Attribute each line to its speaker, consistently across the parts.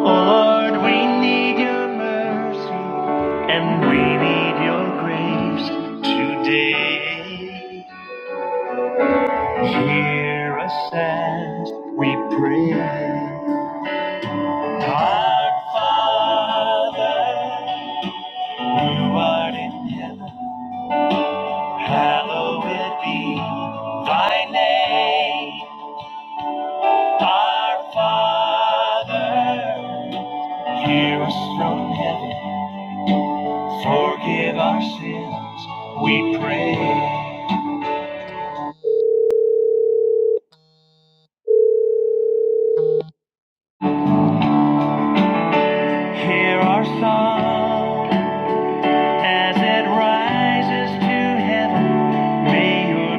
Speaker 1: Lord, we need your mercy and we need your grace today. Hear us as we pray. Our Father, who art in heaven, hallowed be thy name. Our Father, hear us from heaven. Forgive our sins, we pray. Hear our song as it rises to heaven. May your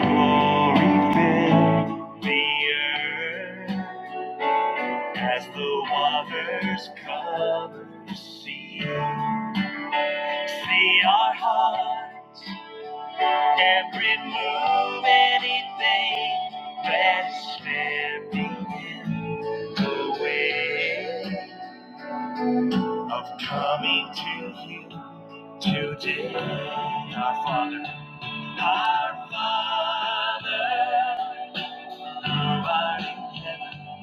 Speaker 1: glory fill the earth as the waters cover the sea. See our hearts and remove anything that is standing in the way. of coming to you today. Our Father, our Father, who art in heaven,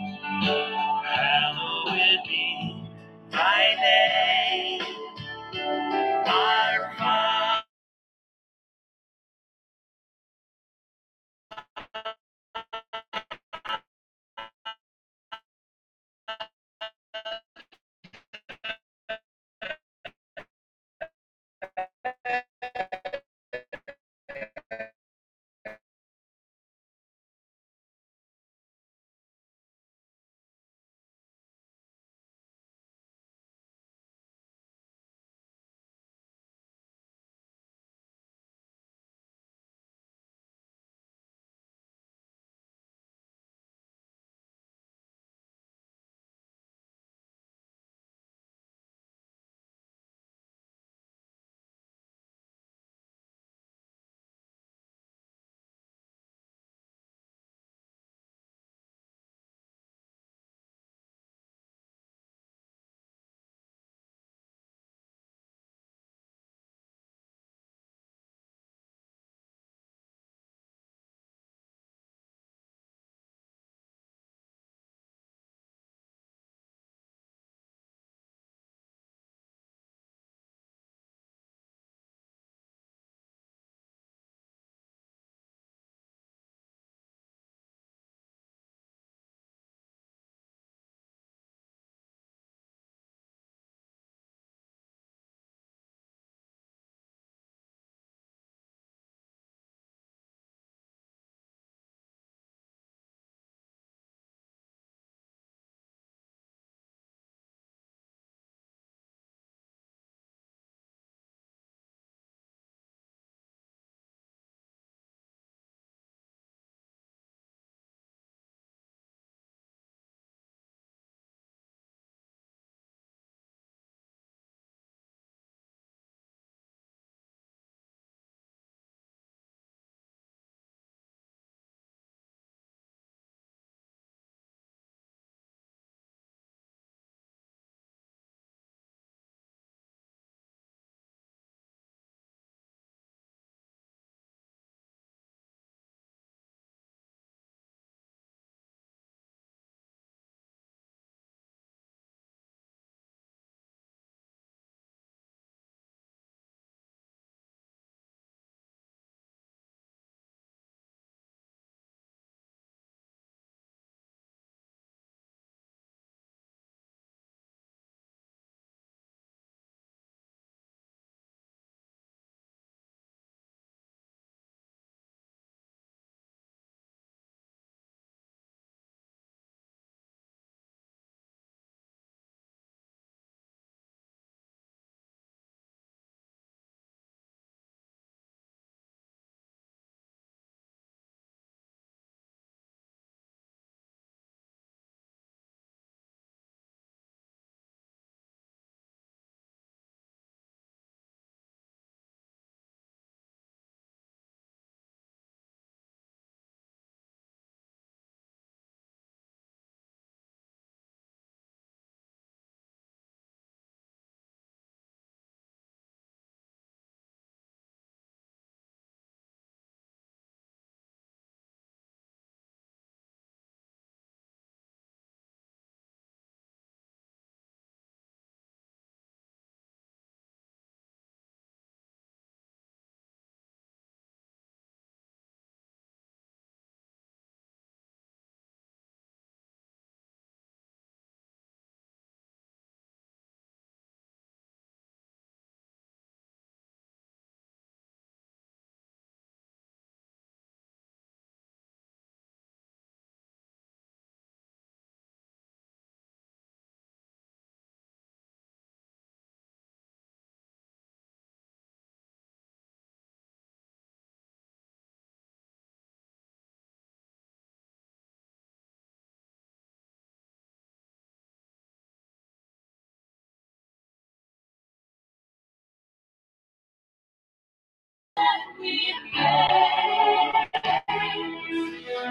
Speaker 1: hallowed be thy name. Our Father,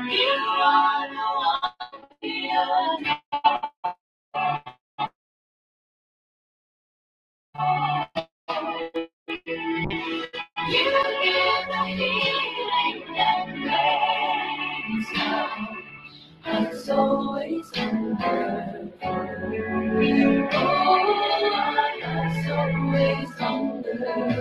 Speaker 1: you are the one you give the healing that brings us always in always wonderful.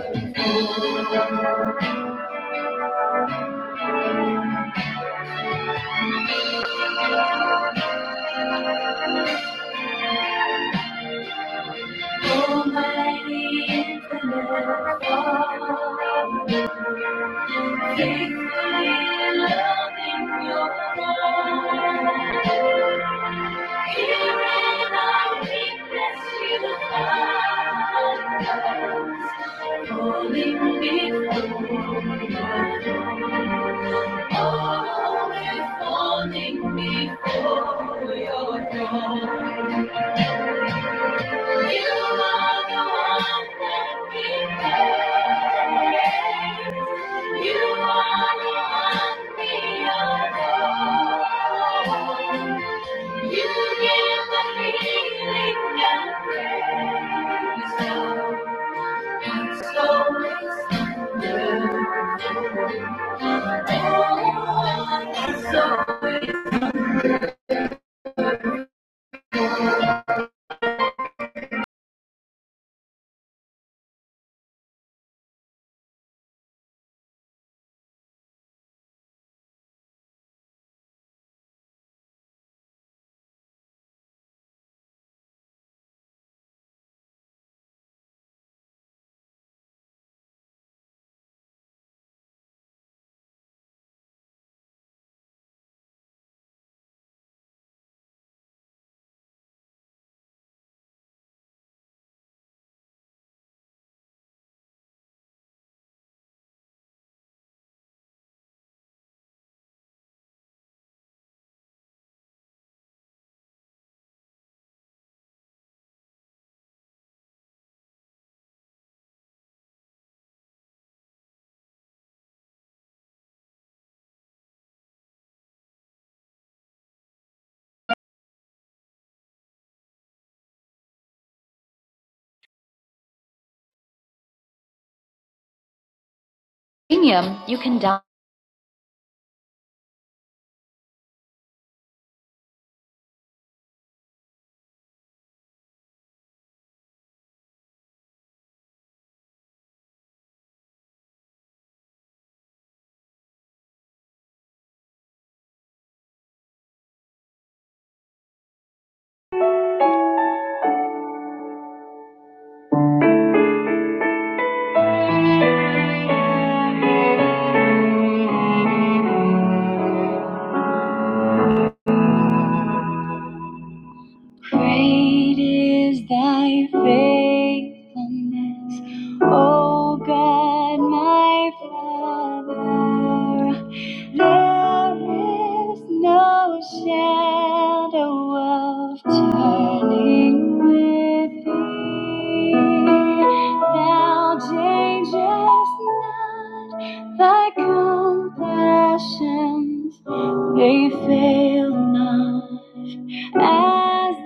Speaker 1: Almighty infinite God, faithfully loving your Lord. Here in our weakness you find us, falling before your Always falling before your throne. Premium, you can download. Great is thy faithfulness, O God, my Father. There is no shadow of turning with thee. Thou changest not thy compassions, they fail not. As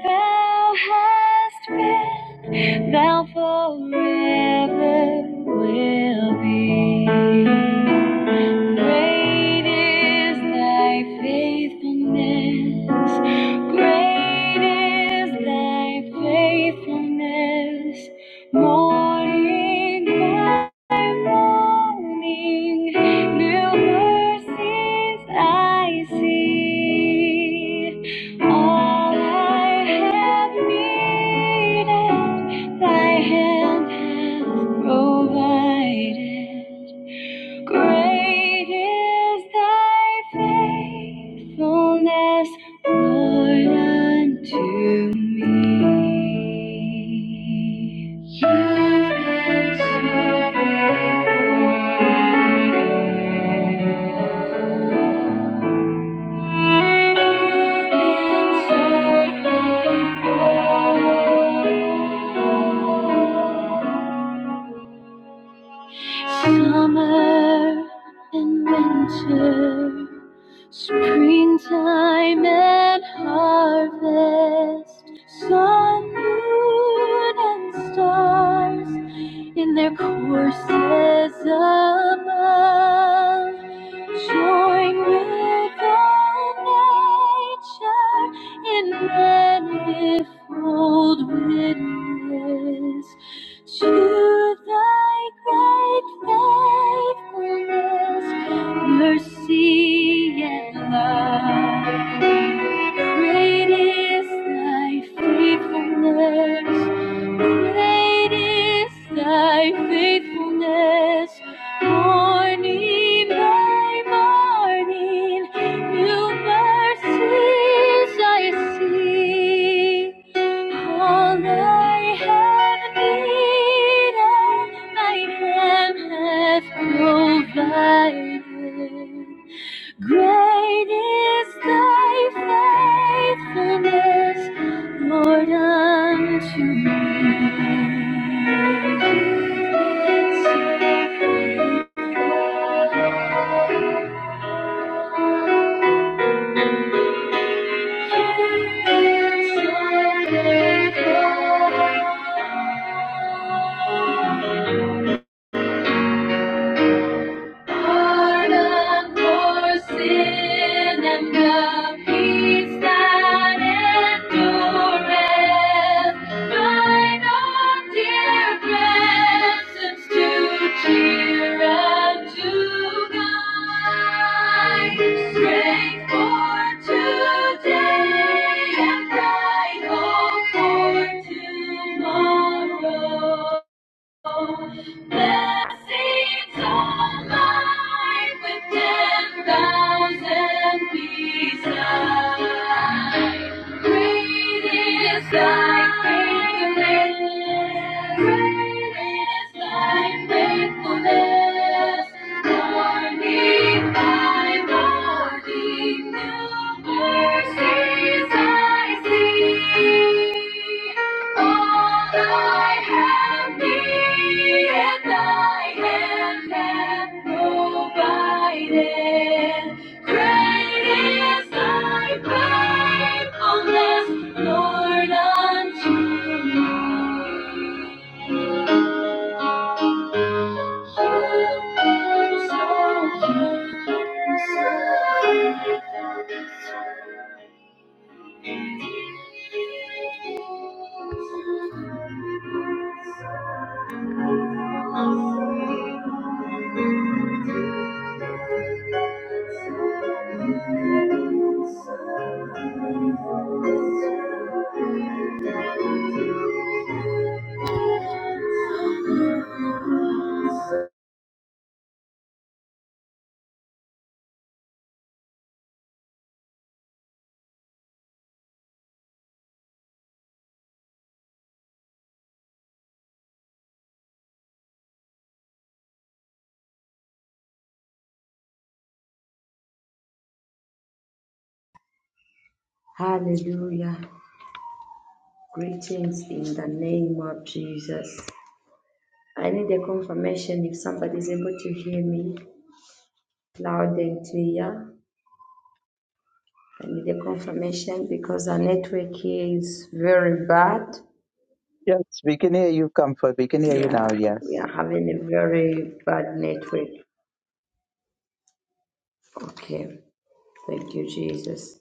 Speaker 1: thou hast been, thou forever will be. Great is thy faithfulness. Great is thy faithfulness. Morning by morning, new mercies I see. All I have needed, Thy hand provided. Great is thy faithfulness, Lord, unto me. You've been so faithful. You've been so faithful. Summer and winter. Springtime and harvest, sun, moon, and stars, in their courses above, join with all nature in manifold witness to thy great faithfulness, mercy and love. Great is thy faithfulness. Great is thy faithfulness. Morning by morning, new mercies I see. All I have needed, thy hand hath provided. Great is thy faithfulness. Lord, unto me. Thank you. pardon for sin and the peace that endureth. Thine own dear presence to cheer and to guide. Strength for today and bright hope for tomorrow. Blessings on mine with ten thousand pieces. Great is faithfulness. Great is faithfulness. Morning by morning, new mercies I see. All I have needed, thy hand hath provided. Great is thy faithfulness, Lord, unto you
Speaker 2: Hallelujah. Greetings in the name of Jesus. I need a confirmation if somebody is able to hear me loud and clear. I need a confirmation because our network here is very bad.
Speaker 3: Yes, we can hear you, Comfort. We can hear you
Speaker 2: Yeah,
Speaker 3: now,
Speaker 2: we
Speaker 3: yes.
Speaker 2: are having a very bad network. Okay, thank you, Jesus.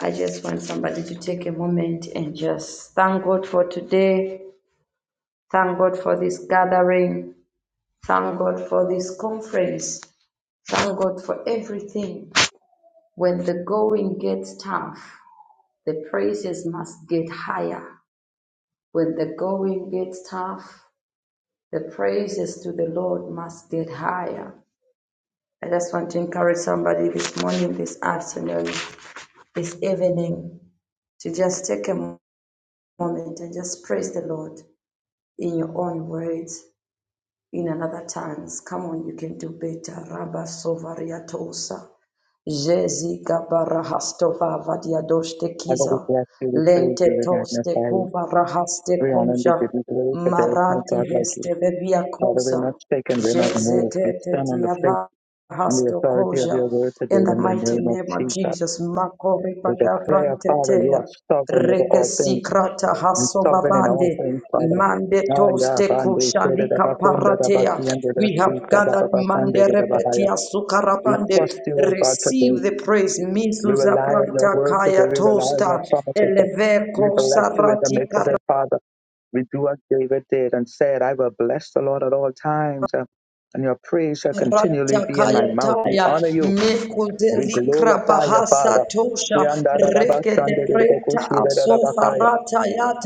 Speaker 2: I just want somebody to take a moment and just thank God for today. Thank God for this gathering. Thank God for this conference. Thank God for everything. When the going gets tough, the praises must get higher. When the going gets tough, the praises to the Lord must get higher. I just want to encourage somebody this morning, this afternoon, this evening to just take a moment and just praise the Lord in your own words. in another tongues. Come on, you can do better. Rabba sovariatosa. Jezi gabara hastova vadiadoshte
Speaker 3: Father, we
Speaker 2: kiza.
Speaker 3: bless you, we praise you,
Speaker 2: Lente
Speaker 3: we
Speaker 2: toste
Speaker 3: magnify you.
Speaker 2: kuba rahaste
Speaker 3: We honor and we
Speaker 2: koja.
Speaker 3: give you glory, for there is no
Speaker 2: Marate
Speaker 3: God like you.
Speaker 2: heste vevia
Speaker 3: Father, we're
Speaker 2: kosa.
Speaker 3: not shaken, we're not
Speaker 2: Jeze
Speaker 3: moved. We
Speaker 2: tete
Speaker 3: stand on the faith,
Speaker 2: tiava.
Speaker 3: on the
Speaker 2: Hasto
Speaker 3: authority of
Speaker 2: closure
Speaker 3: your word today
Speaker 2: in the
Speaker 3: in the
Speaker 2: mighty
Speaker 3: name of
Speaker 2: name of
Speaker 3: Jesus.
Speaker 2: Jesus. Makori
Speaker 3: We declare, Father, you are
Speaker 2: badabrantetea,
Speaker 3: sovereign over all things
Speaker 2: regesikrata
Speaker 3: and sovereign in all
Speaker 2: hasovavande,
Speaker 3: things, Father. Ah, yeah,
Speaker 2: mandetoste
Speaker 3: Bando, Sede, Daba,
Speaker 2: kushalika
Speaker 3: Kunda, Daba,
Speaker 2: paratea.
Speaker 3: Siende, Da,
Speaker 2: We have
Speaker 3: Sisa, Daba,
Speaker 2: gathered
Speaker 3: Ba, Sande,
Speaker 2: mande
Speaker 3: Da, Daba, Haya.
Speaker 2: repetia
Speaker 3: We
Speaker 2: sukarabande.
Speaker 3: trust you, O God, today.
Speaker 2: Receive the praise.
Speaker 3: We
Speaker 2: Mizuza
Speaker 3: rely on your
Speaker 2: pranta
Speaker 3: word today.
Speaker 2: kaya
Speaker 3: We rely on your
Speaker 2: tosta.
Speaker 3: promises. Lord.
Speaker 2: Eleve
Speaker 3: We bless you in the midst
Speaker 2: Kosa
Speaker 3: of it, Father. We do as David did and said, I will bless the Lord at all times, uh, and your praise shall continually be in my mouth. We
Speaker 2: Ratakayataya,
Speaker 3: honor you. We
Speaker 2: Mekundeli
Speaker 3: glorify you,
Speaker 2: Krabahasa
Speaker 3: Father. We
Speaker 2: Tosha,
Speaker 3: honor the Lord,
Speaker 2: Reke
Speaker 3: son, the
Speaker 2: de
Speaker 3: Lord, the Lord,
Speaker 2: Preta
Speaker 3: the Lord, the
Speaker 2: Asofa
Speaker 3: Bakaya.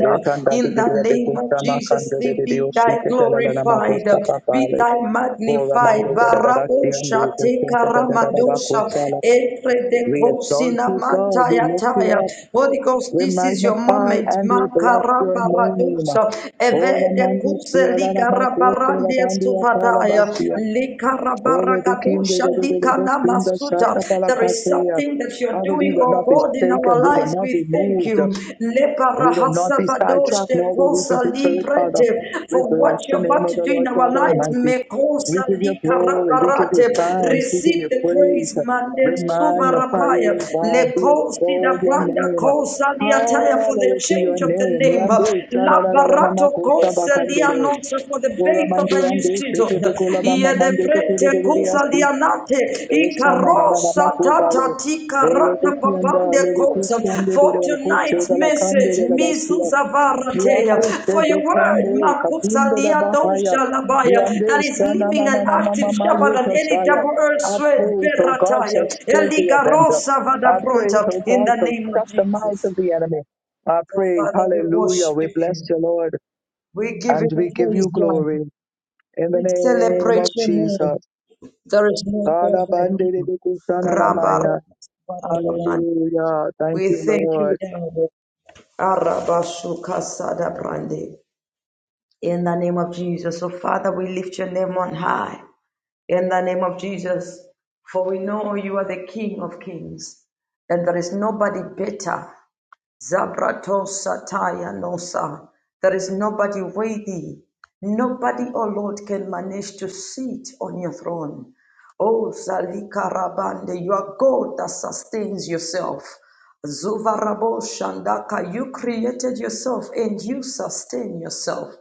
Speaker 3: Eh, kanda, di,
Speaker 2: In
Speaker 3: di, di,
Speaker 2: the
Speaker 3: di,
Speaker 2: name of
Speaker 3: kusta, ma,
Speaker 2: Jesus,
Speaker 3: kanda, di,
Speaker 2: thee
Speaker 3: di, di, o,
Speaker 2: be
Speaker 3: she,
Speaker 2: thy
Speaker 3: te, te, la, la, la, ma,
Speaker 2: glorified,
Speaker 3: kusta, pa, pa,
Speaker 2: be
Speaker 3: le.
Speaker 2: thy
Speaker 3: Ora, man,
Speaker 2: magnified.
Speaker 3: di, di, di, di, ba, si, and di,
Speaker 2: Barabosha
Speaker 3: kusta,
Speaker 2: Teka
Speaker 3: te, te, te, te, te, ba,
Speaker 2: Ramadosha,
Speaker 3: kusta,
Speaker 2: Epre de
Speaker 3: We exalt
Speaker 2: Kosina
Speaker 3: you, God. We lift you
Speaker 2: Matayataya.
Speaker 3: up.
Speaker 2: Holy Ghost,
Speaker 3: We
Speaker 2: this is your
Speaker 3: magnify
Speaker 2: moment.
Speaker 3: and we bless your name.
Speaker 2: Makarabaradosa,
Speaker 3: Oh, the
Speaker 2: Eve de
Speaker 3: mandi sia la
Speaker 2: Kuseli
Speaker 3: la
Speaker 2: kar.
Speaker 3: ma ko se la
Speaker 2: Karabarande
Speaker 3: bandi ya ta la ba
Speaker 2: suvataya.
Speaker 3: sia. Oh, we became the
Speaker 2: Likarabarakadosha
Speaker 3: the the the best in the
Speaker 2: likanamasuta.
Speaker 3: shata
Speaker 2: There is
Speaker 3: palakatea.
Speaker 2: something that you're
Speaker 3: Father, we
Speaker 2: doing,
Speaker 3: will
Speaker 2: oh
Speaker 3: not be
Speaker 2: God, in our
Speaker 3: shaken. We will
Speaker 2: lives.
Speaker 3: not
Speaker 2: We
Speaker 3: be
Speaker 2: thank
Speaker 3: moved.
Speaker 2: you.
Speaker 3: We will not be sidetracked,
Speaker 2: Leparahasavadoshte
Speaker 3: nor will we be
Speaker 2: kosa
Speaker 3: deterred, Father.
Speaker 2: librete.
Speaker 3: We
Speaker 2: For
Speaker 3: bless
Speaker 2: what
Speaker 3: the
Speaker 2: you're
Speaker 3: name
Speaker 2: about
Speaker 3: of
Speaker 2: to
Speaker 3: the
Speaker 2: do in
Speaker 3: Lord
Speaker 2: our
Speaker 3: God
Speaker 2: lives.
Speaker 3: Almighty. We
Speaker 2: Mekosa
Speaker 3: give you glory. We give you
Speaker 2: likarabarate.
Speaker 3: thanks. We give you
Speaker 2: Receive the
Speaker 3: praise.
Speaker 2: praise.
Speaker 3: We
Speaker 2: Mande
Speaker 3: magnify you,
Speaker 2: suvarapaya.
Speaker 3: O God. We
Speaker 2: Lekosi da
Speaker 3: extol your
Speaker 2: branda
Speaker 3: name.
Speaker 2: kosa liataya. For the
Speaker 3: Hallowed be your
Speaker 2: change of the
Speaker 3: name.
Speaker 2: name.
Speaker 3: Yande
Speaker 2: La
Speaker 3: sararararana
Speaker 2: barato
Speaker 3: makosa
Speaker 2: cosa di
Speaker 3: bakandere.
Speaker 2: annuncio for the
Speaker 3: Ora
Speaker 2: birth of
Speaker 3: mandi
Speaker 2: a new
Speaker 3: yande
Speaker 2: season.
Speaker 3: sete te kola
Speaker 2: Ie
Speaker 3: mama
Speaker 2: de
Speaker 3: mande kete de
Speaker 2: prete
Speaker 3: de de de
Speaker 2: cosa di
Speaker 3: asti.
Speaker 2: annate i
Speaker 3: Esha na na na na
Speaker 2: carrossa tata
Speaker 3: makubale.
Speaker 2: ti
Speaker 3: Ora te
Speaker 2: carata
Speaker 3: kianda
Speaker 2: papande
Speaker 3: le de
Speaker 2: cosa.
Speaker 3: kusi yande de
Speaker 2: For
Speaker 3: de bakose
Speaker 2: tonight's
Speaker 3: de la kande de
Speaker 2: message,
Speaker 3: la
Speaker 2: misus
Speaker 3: basi.
Speaker 2: avaratea.
Speaker 3: Yakoste
Speaker 2: For your word,
Speaker 3: bekande
Speaker 2: makusa
Speaker 3: katunde
Speaker 2: di
Speaker 3: da bahaya.
Speaker 2: adosha labaya, that
Speaker 3: Yande
Speaker 2: is
Speaker 3: shana
Speaker 2: living
Speaker 3: na na
Speaker 2: an
Speaker 3: na mama
Speaker 2: active
Speaker 3: ma
Speaker 2: shepherd than
Speaker 3: yeta
Speaker 2: any
Speaker 3: shaya.
Speaker 2: double-edged
Speaker 3: I
Speaker 2: sword,
Speaker 3: praise, oh God, to
Speaker 2: berataya.
Speaker 3: still the avenger.
Speaker 2: Eligarosa
Speaker 3: I praise,
Speaker 2: vadabronta.
Speaker 3: oh
Speaker 2: In
Speaker 3: God,
Speaker 2: the
Speaker 3: to
Speaker 2: name of
Speaker 3: stop the mouth
Speaker 2: Jesus.
Speaker 3: of the enemy. I
Speaker 2: So
Speaker 3: praise,
Speaker 2: Father, we
Speaker 3: hallelujah.
Speaker 2: worship
Speaker 3: We bless
Speaker 2: you.
Speaker 3: you, Lord,
Speaker 2: We give
Speaker 3: and
Speaker 2: you
Speaker 3: we give
Speaker 2: praise,
Speaker 3: you
Speaker 2: Lord.
Speaker 3: glory in the
Speaker 2: We
Speaker 3: name
Speaker 2: celebrate
Speaker 3: of
Speaker 2: your
Speaker 3: Jesus.
Speaker 2: name. There is no
Speaker 3: God
Speaker 2: God like
Speaker 3: abandoned it,
Speaker 2: you.
Speaker 3: it is shana na
Speaker 2: Rabba, rabba,
Speaker 3: maya.
Speaker 2: rabba, rabba.
Speaker 3: Hallelujah. Thank
Speaker 2: We
Speaker 3: you,
Speaker 2: thank you,
Speaker 3: Lord.
Speaker 2: Lord. Araba, shuka, sada, brande. In the name of Jesus. So, Father, we lift your name on high. In the name of Jesus. For we know you are the King of kings. And there is nobody better. Zabratosataya Nosa. There is nobody worthy. Nobody, O Lord, can manage to sit on your throne. Oh, Zalika Rabande, you are God that sustains yourself. Zuvarabo Shandaka, you created yourself and you sustain yourself.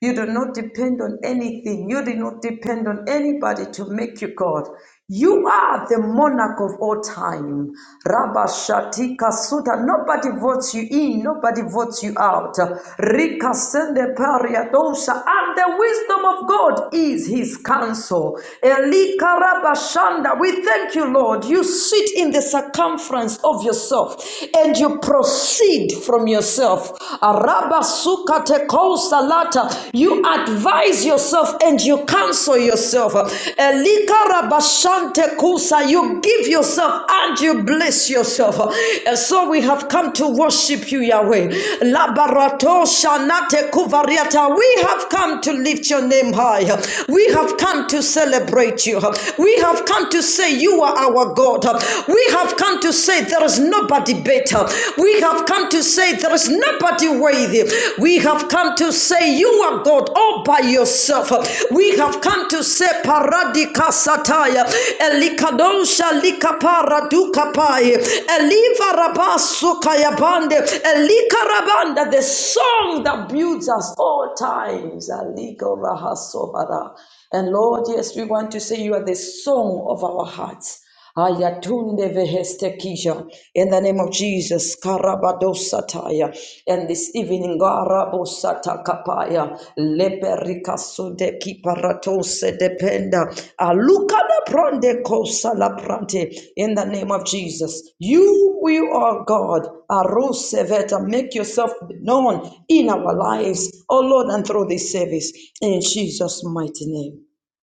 Speaker 2: You do not depend on anything. You do not depend on anybody to make you God. You are the monarch of all time. Rabba Shatika Suda. Nobody votes you in, nobody votes you out. Rika Sende Pariadosha. And the wisdom of God is his counsel. Elika Rabba Shanda. We thank you, Lord. You sit in the circumference of yourself and you proceed from yourself yourself. Arabasukate kousalata. You advise yourself and you counsel yourself. Elikarabashante kusa. You give yourself and you bless yourself. And so we have come to worship you, Yahweh. Labarato shanate kuvariata. We have come to lift your name high. We have come to celebrate you. We have come to say you are our God. We have come to say there is is nobody better. We have come to say there is nobody worthy. We have come to say you are God all by yourself. We have come to say paradika sataya elikadonsha likapara dukapai eliva rabasu kayabande elikarabanda the song that builds us all times. Aliko rahasobara. And Lord, yes, we want to say you are the song of our hearts. Ayatunde vehestekija. In the name of Jesus, Karabadosataya. And this evening, Garabosata kapaya. Leperikasunde kiparatose dependa. Alukada pronde kosa la prante. In the name of Jesus, you will, oh God, Aroseveta, make yourself known in our lives, oh Lord, and through this service. In Jesus' mighty name.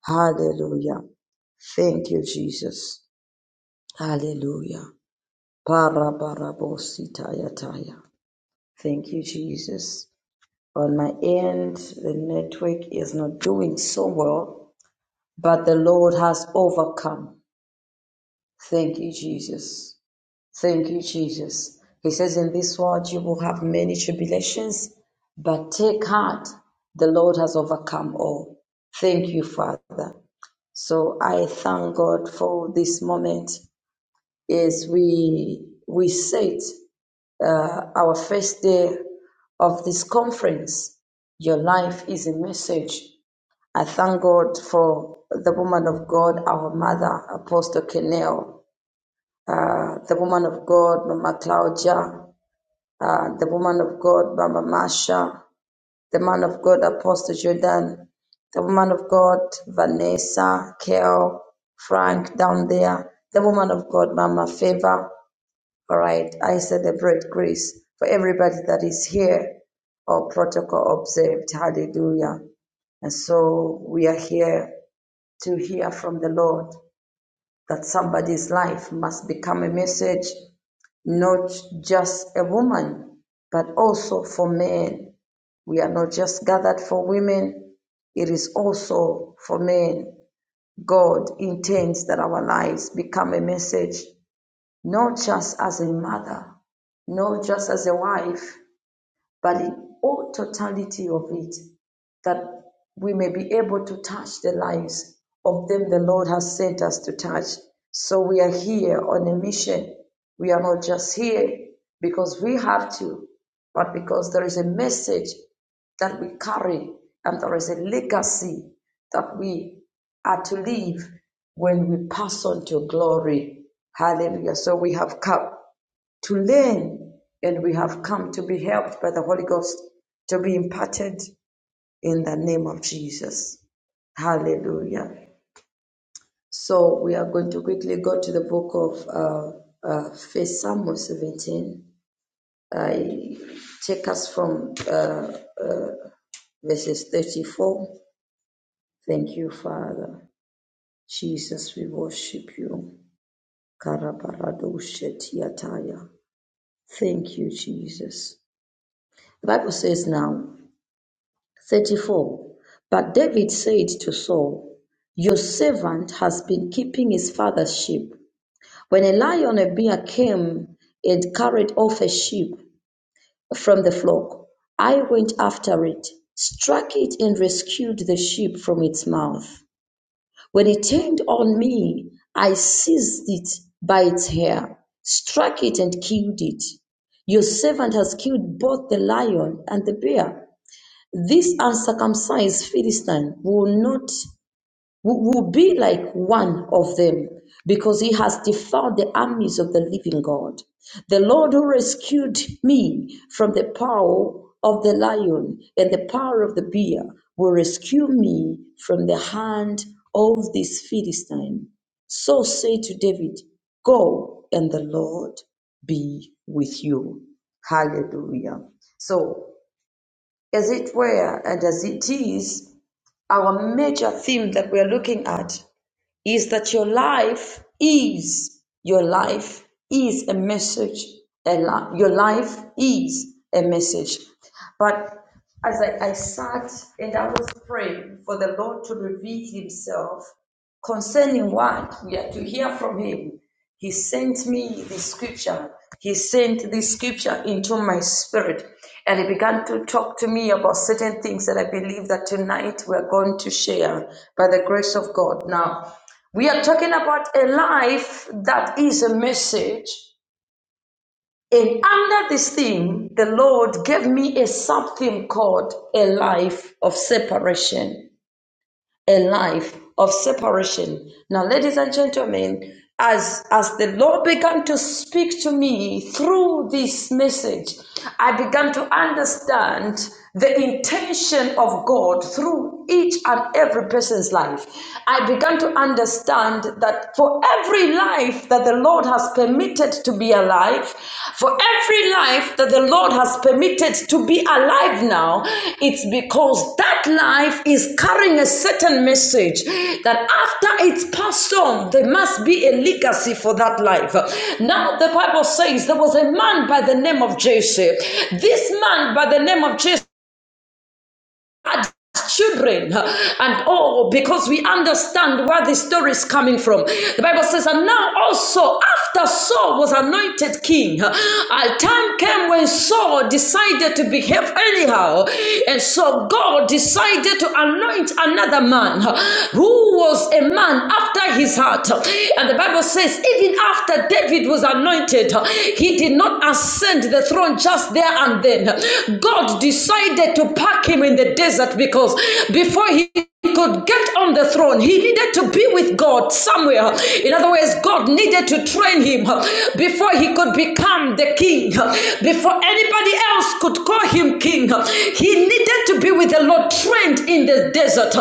Speaker 2: Hallelujah. Thank you, Jesus. Hallelujah. Parabarabositayataya. Thank you, Jesus. On my end, the network is not doing so well, but the Lord has overcome. Thank you, Jesus. Thank you, Jesus. He says, In this world you will have many tribulations, but take heart, the Lord has overcome all. Thank you, Father. So I thank God for this moment as we we sit uh, our first day of this conference. Your life is a message. I thank God for the woman of God, our mother, Apostle Kenel, uh, the woman of God, Mama Claudia, uh, the woman of God, Mama Masha, the man of God, Apostle Jordan, the woman of God, Vanessa, Kel, Frank down there, the woman of God, Mama Favor, all right, I celebrate grace for everybody that is here or protocol observed. Hallelujah. And so we are here to hear from the Lord that somebody's life must become a message, not just a woman, but also for men. We are not just gathered for women, it is also for men. God intends that our lives become a message not just as a mother, not just as a wife, but in all totality of it, that we may be able to touch the lives of them the Lord has sent us to touch. So we are here on a mission. We are not just here because we have to, but because there is a message that we carry and there is a legacy that we are to leave when we pass on to glory. Hallelujah. So we have come to learn, and we have come to be helped by the Holy Ghost to be imparted in the name of Jesus. Hallelujah. So we are going to quickly go to the book of uh, uh, First Samuel 17. I take us from uh, verses 34. Thank you, Father. Jesus, we worship you. Karabaradoshe tiataya. Thank you, Jesus. The Bible says now, 34. But David said to Saul, Your servant has been keeping his father's sheep. When a lion or bear came and carried off a sheep from the flock, I went after it, struck it, and rescued the sheep from its mouth. When it turned on me, I seized it by its hair, struck it, and killed it. Your servant has killed both the lion and the bear. This uncircumcised Philistine will not will be like one of them, because he has defiled the armies of the living God. The Lord who rescued me from the power of the lion and the power of the bear will rescue me from the hand of this Philistine. So say to David, Go and the Lord be with you. Hallelujah. So as it were, and as it is, our major theme that we are looking at is that your life is your life is a message a li- your life is a message but as I, I sat and i was praying for the lord to reveal himself concerning what we are to hear from him he sent me the scripture he sent this scripture into my spirit and he began to talk to me about certain things that i believe that tonight we're going to share by the grace of god now we are talking about a life that is a message. And under this theme, the Lord gave me a something called a life of separation a life of separation. Now, ladies and gentlemen, as, as the Lord began to speak to me through this message, I began to understand the intention of God through each and every person's life. I began to understand that for every life that the Lord has permitted, permitted to be alive, for every life that the Lord has permitted to be alive now, it's because that life is carrying a certain message that after it's passed on, there must be a legacy for that life. Now, the Bible says there was a man by the name of Joseph. This man by the name of Joseph God's children and oh, because we understand where the story is coming from the bible says and now also after saul was anointed king a time came when saul decided to behave anyhow and so god decided to anoint another man who was a man after his heart and the bible says even after david was anointed he did not ascend the throne just there and then god decided to pack him in the the desert because before he could get on the throne, he needed to be with God somewhere. In other words, God needed to train him before he could become the king, before anybody else could call him king. He needed to be with the Lord trained in the desert.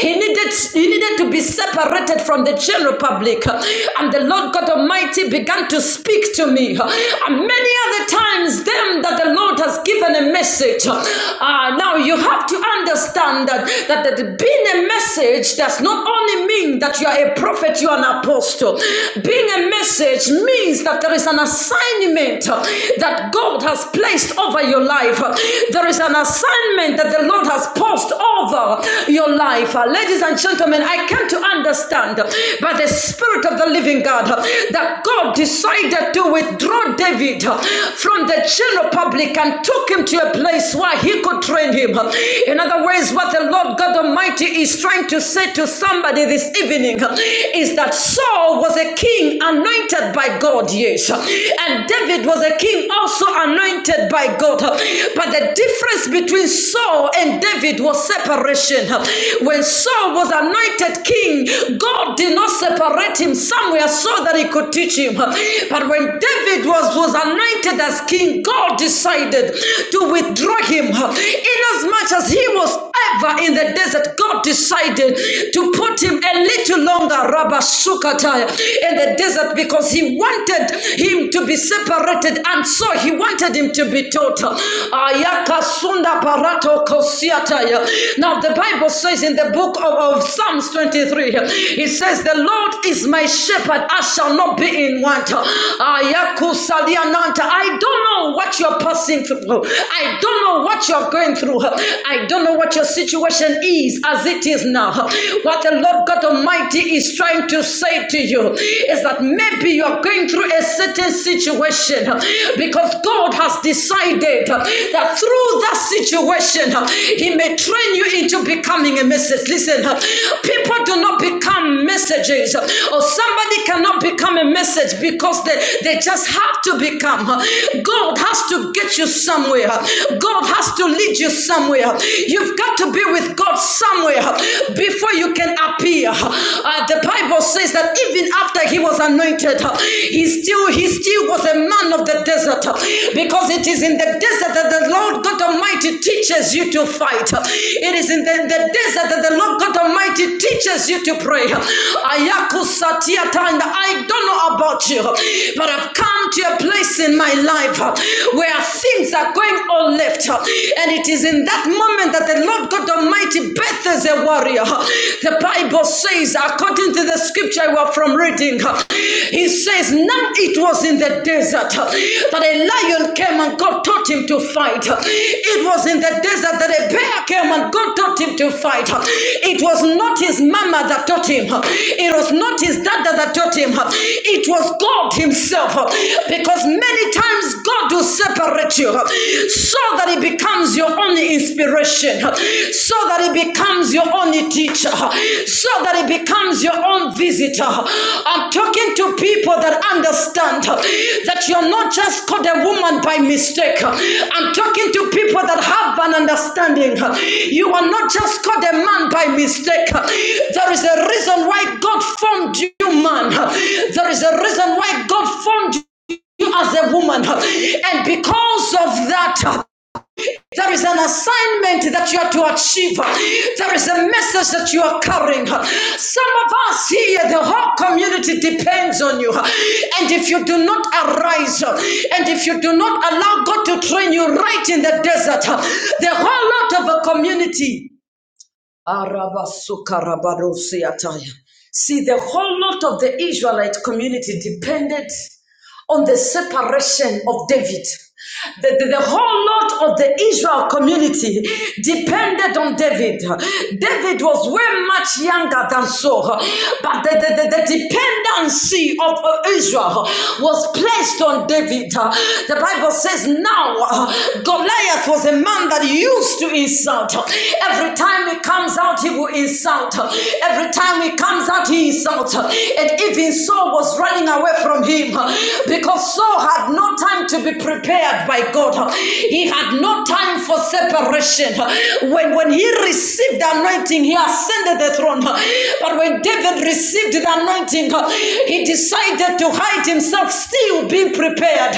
Speaker 2: He needed, he needed to be separated from the general public. And the Lord God Almighty began to speak to me. And many other times, them that the Lord has given a message. Ah, now now you have to understand that, that, that being a message does not only mean that you are a prophet, you are an apostle. Being a message means that there is an assignment that God has placed over your life. There is an assignment that the Lord has posed over your life. Ladies and gentlemen, I come to understand by the Spirit of the living God that God decided to withdraw David from the general public and took him to a place where that he could train him. In other words, what the Lord God Almighty is trying to say to somebody this evening is that Saul was a king anointed by God, yes. And David was a king also anointed by God. But the difference between Saul and David was separation. When Saul was anointed king, God did not separate him somewhere so that he could teach him. But when David was, was anointed as king, God decided to to withdraw him. Inasmuch as he was ever in the desert, God decided to put him a little longer, Rabba Sukataya, in the desert because he wanted him to be separated and so he wanted him to be total. Ayaka Sunda Parato Kosiataya. Now the Bible says in the book of, of Psalms 23, it says, The Lord is my shepherd, I shall not be in want. Ayaku Saliananta. I don't know what you're passing through. through. I don't know what you're going through. I don't know what your situation is as it is now. What the Lord God Almighty is trying to say to you is that maybe you're going through a certain situation because God has decided that through that situation, He may train you into becoming a message. Listen, people do not become messages, or somebody cannot become a message because they, they just have to become. God has to get you somewhere. God has to lead you somewhere. You've got to be with God somewhere before you can appear. Uh, the Bible says that even after he was anointed, he still he still was a man of the desert because it is in the desert that the Lord God Almighty teaches you to fight. It is in the, the desert that the Lord God Almighty teaches you to pray. Ayaku satia I don't know about you, but I've come to a place in my life life uh, where things are going all left. uh, And it is in that moment that the Lord God Almighty births a warrior. The Bible says, according to the scripture we're from reading, uh, he says, Now it was in the desert uh, that a lion came and God taught him to fight. It was in the desert that a bear came and God taught him to fight. It was not his mama that taught him. It was not his dad that taught him. It was God Himself. Because Many times God will separate you so that it becomes your only inspiration, so that it becomes your only teacher, so that it becomes your own visitor. I'm talking to people that understand that you're not just called a woman by mistake. I'm talking to people that have an understanding. You are not just called a man by mistake. There is a reason why God formed you, man. There is a reason why God formed you you as a woman. And because of that, there is an assignment that you are to achieve. There is a message that you are carrying. Some of us here, the whole community depends on you. And if you do not arise, and if you do not allow God to train you right in the desert, the whole lot of a community Arabasukarabadosiataya. See, the whole lot of the Israelite community depended on the separation of David. The, the, the whole lot of the Israel community depended on David. David was way much younger than Saul, but the, the, the, the dependency of uh, Israel was placed on David. The Bible says now uh, Goliath was a man that used to insult. Every time he comes out, he will insult. Every time he comes out, he insults. And even even Saul was running away from him uh, because Saul had no time to be prepared by God. uh, He had no time for separation. uh, When, when he received the anointing, he ascended the throne. uh, But when David received the anointing, uh, he decided to hide himself, still being prepared.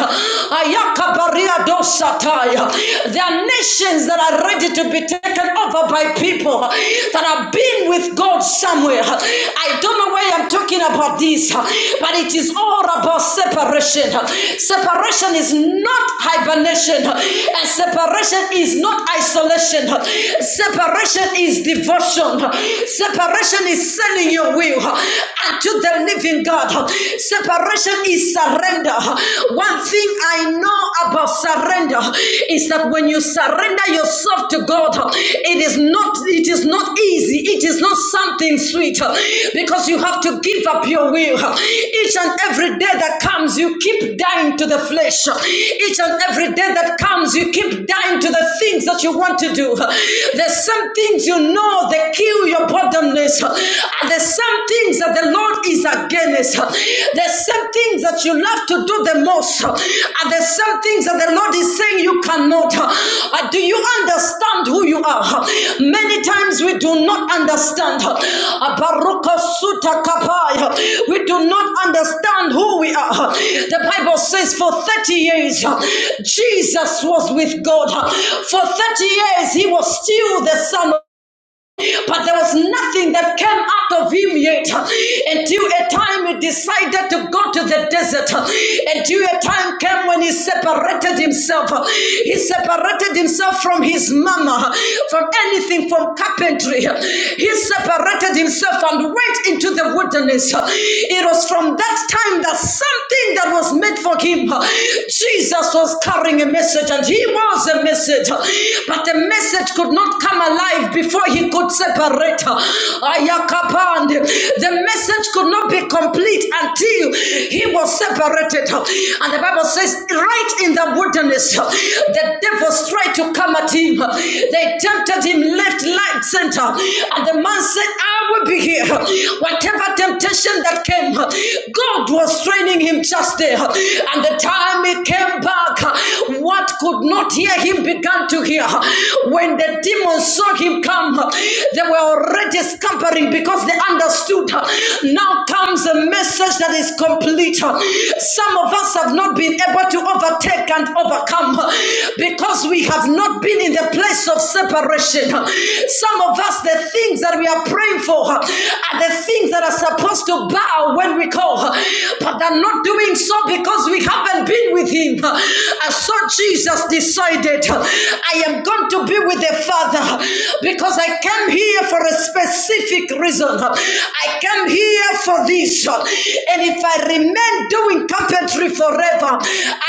Speaker 2: There are nations that are ready to be taken over by people people that have been with God somewhere. I don't know why I'm talking about this, but it is all about separation. Separation is not hibernation, and separation is not isolation. Separation is devotion. Separation is selling your will unto the living God. Separation is surrender. One thing I know about about surrender is that when you surrender yourself to God, it is not it is not easy. It is not something sweet because you have to give up your will. Each and every day that comes, you keep dying to the flesh. Each and every day that comes, you keep dying to the things that you want to do. There's some things you know they kill your boredomness. There's some things that the Lord is against against. There's some things that you love to do the most, and there's some things that the Lord is saying you cannot. Uh, Do you understand who you are? Many times we do not understand. Uh, We do not understand who we are. The Bible says for 30 years, uh, Jesus was with God. For 30 years, he was still the Son but there was nothing that came out of him yet until a time he decided to go to the desert. Until a time came when he separated himself. He separated himself from his mama, from anything, from carpentry. He separated himself and went into the wilderness. It was from that time that something that was meant for him, Jesus was carrying a message and he was a message, but the message could not not come alive before he could separate her. Ayakapande. The message could not be complete until he was separated. And the Bible says, right in the wilderness, the devils tried to come at him. They tempted him left, right, center. And the man said, I will be here. Whatever temptation that came, God was training him just there. And the time he came back, what could not hear him became began to hear. When the demons saw him come, they were already scampering because they understood. Now comes a message that is complete. Some of us have not been able to overtake and overcome because we have not been in the place of separation. Some of us, the things that we are praying for are the things that are supposed to bow when we call, but they're not doing so because we haven't been with Him. I saw so Jesus decided, I am going to be with the Father because I came here for a specific reason. I came here for this. And if I remain doing carpentry forever,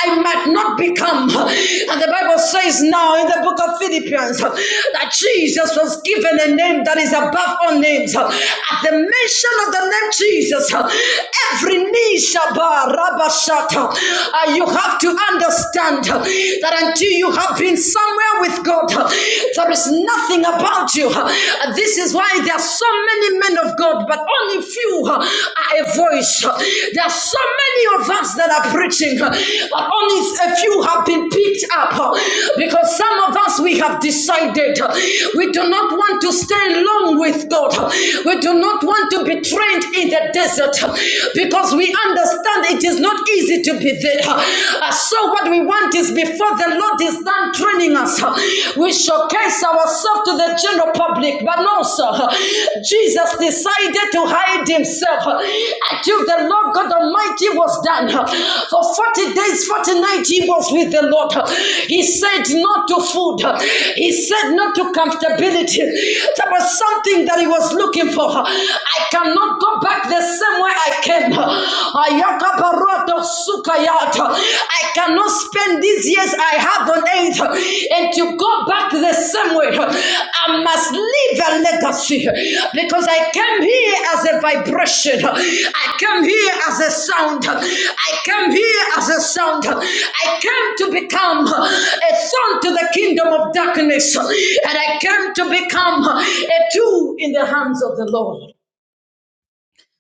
Speaker 2: I might not become. And the Bible says now in the book of Philippians that Jesus was given a name that is above all names. At the mention of the name Jesus, every knee shall bow, Rabba Shatta. Uh, you have to understand uh, that until you have been somewhere with God, uh, there is nothing about you. Uh, this is why there are so many men of God, but only few uh, are a voice. Uh, there are so many of us that are preaching, uh, but only a few have been picked up uh, because some of us we have decided uh, we do not want to stay long with God. Uh, We do not want to be trained in the desert uh, because we understand understand it is not easy to be there. Uh, So, what we want is before the Lord is done training us, uh, we showcase ourselves to the general public. But no, sir, uh, Jesus decided to hide himself uh, until the Lord God Almighty was done. uh, For 40 days, 40 nights, he was with the Lord. uh, He said no to food, uh, he said no to comfortability. There was something that he was looking for. uh, I cannot go back the same way I came. Ayakaparoto sukayata. I cannot spend these years I have on earth and to go back the same way. I must leave a legacy because I came here as a vibration. I came here as a sound. I came here as a sound. I came to become a son to the kingdom of darkness. And I came to become a tool in the hands of the Lord.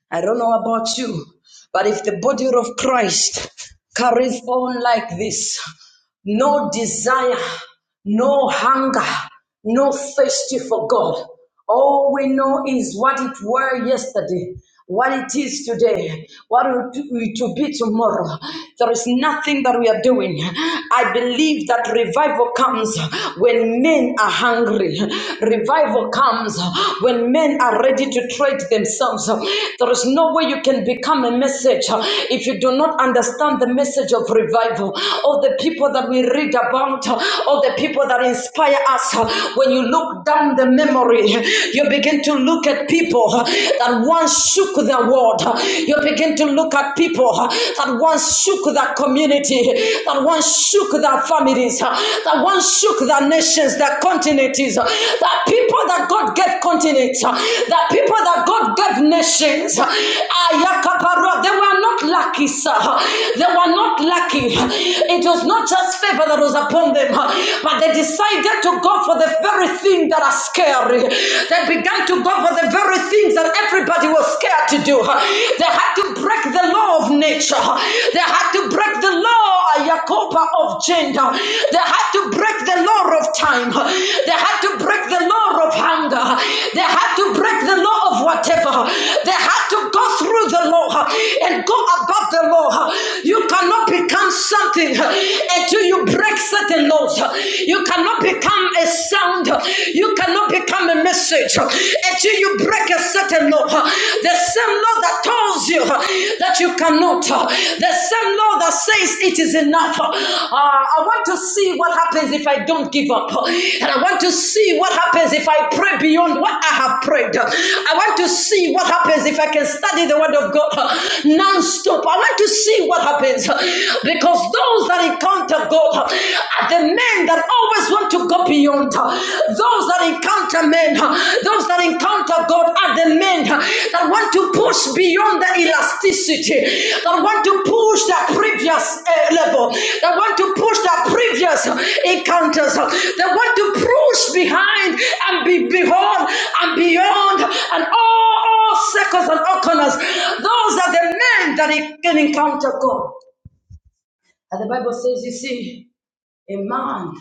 Speaker 2: I don't know about you, but if the body of Christ carries on like this, no desire, no hunger, no thirsty for God. All we know is what it were yesterday, what it is today, what it it will be tomorrow. There is nothing that we are doing. I believe that revival comes when men are hungry. Revival comes when men are ready to trade themselves. There is no way you can become a message if you do not understand the message of revival or the the people that we read about, uh, all the people that inspire us. uh, When you look down the memory, you begin to look at people uh, that once shook the world. uh, You begin to look at people uh, that once shook the community, that once shook their families, uh, that once shook their nations, their continents, uh, that people that God gave continents, uh, that people that God gave nations. uh, They were not lucky, sir. They were not lucky. It was not just favor that was upon them, but they decided to go for the very thing that are scary. They began to go for the very things that everybody was scared to do. They had to break the law of nature. They had to break the law Yakoba of gender. They had to break the law of time. They had to break the law of hunger. They had to break the law of whatever. They had to go through the law and go above the law. You cannot become become something until you break certain laws. You cannot become a sound. You cannot become a message until you break a certain law. The same law that tells you that you cannot. The same law that says it is enough. Uh, I want to see what happens if I don't give up. And I want to see what happens if I pray beyond what I have prayed. I want to see what happens if I can study the word of God non-stop. I want to see what happens because those that encounter God are the men that always want to go beyond. Those that encounter men, those that encounter God are the men that want to push beyond the elasticity, that want to push their previous uh, level, that want to push their previous encounters, that want to push behind and be beyond and beyond and all, all circles and all corners. Those are the men that can encounter God. And the Bible says, you see, a man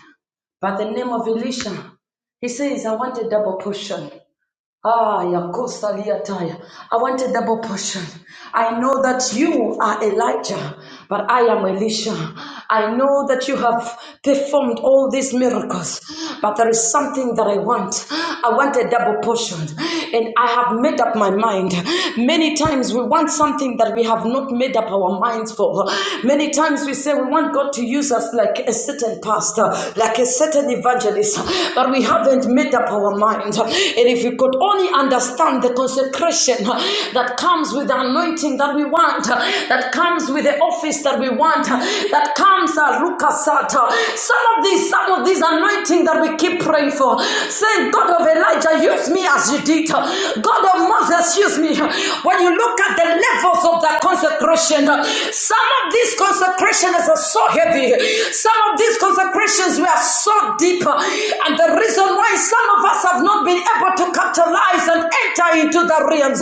Speaker 2: by the name of Elisha, he says, I want a double portion. Ah, Yakosa Liataya. I want a double portion. I know that you are Elijah, but I am Elisha. I know that you have performed all these miracles, but there is something that I want. I want a double portion. And I have made up my mind. Many times we want something that we have not made up our minds for. Many times we say we want God to use us like a certain pastor, like a certain evangelist, but we haven't made up our mind. It and if we could only understand the consecration uh, that comes with the anointing that we want, uh, that comes with the office that we want, uh, that comes, uh, Rukasata. Some of these, some of these anointing that we keep praying for, saying, God of Elijah, use me as you did. uh, God of Moses, use me. When you look at the levels of that consecration, uh, some of these consecrations are so heavy. Some of these consecrations were so deep. uh, And the reason why some of us have not not been able to capitalize and enter into the realms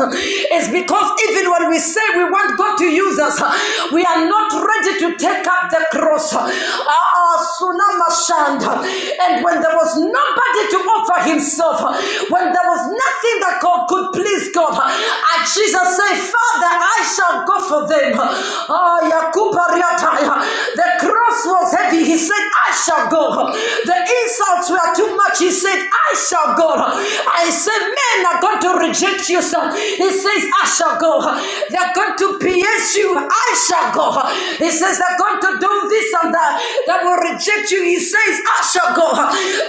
Speaker 2: is because even when we say we want God to use us, we are not ready to take up the cross. Ah, tsunami shand. And when there was nobody to offer himself, when there was nothing that God could please God, and Jesus said, Father, I shall go for them. Ah, Yakuba The cross was heavy. He said, I shall go. The insults were too much. He said, I shall go. I said, men are going to reject you. sir. He says, I shall go. They're going to pierce you. I shall go. He says, they're going to do this and that. That will reject you. He says, I shall go.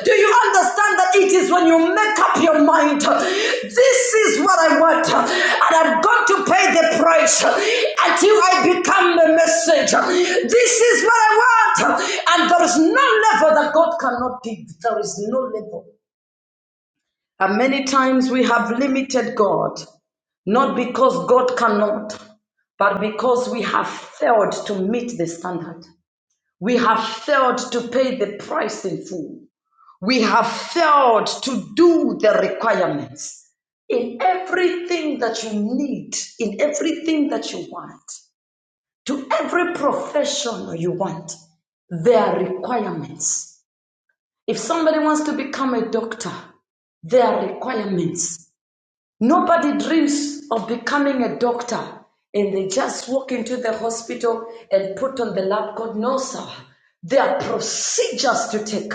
Speaker 2: Do you understand that it is when you make up your mind? This is what I want. And I'm going to pay the price until I become the message. This is what I want. And there is no level that God cannot give. There is no level. And many times we have limited God, not because God cannot, but because we have failed to meet the standard. We have failed to pay the price in full. We have failed to do the requirements in everything that you need, in everything that you want, to every profession you want, there are requirements. If somebody wants to become a doctor, there are requirements. Nobody dreams of becoming a doctor and they just walk into the hospital and put on the lab coat. No, sir. There are procedures to take,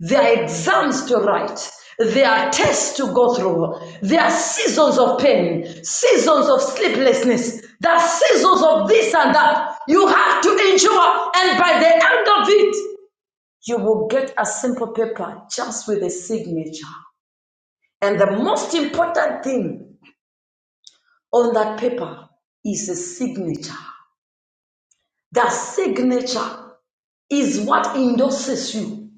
Speaker 2: there are exams to write, there are tests to go through, there are seasons of pain, seasons of sleeplessness, there are seasons of this and that. You have to endure, and by the end of it, you will get a simple paper just with a signature. And the most important thing on that paper is a signature. That signature is what endorses you.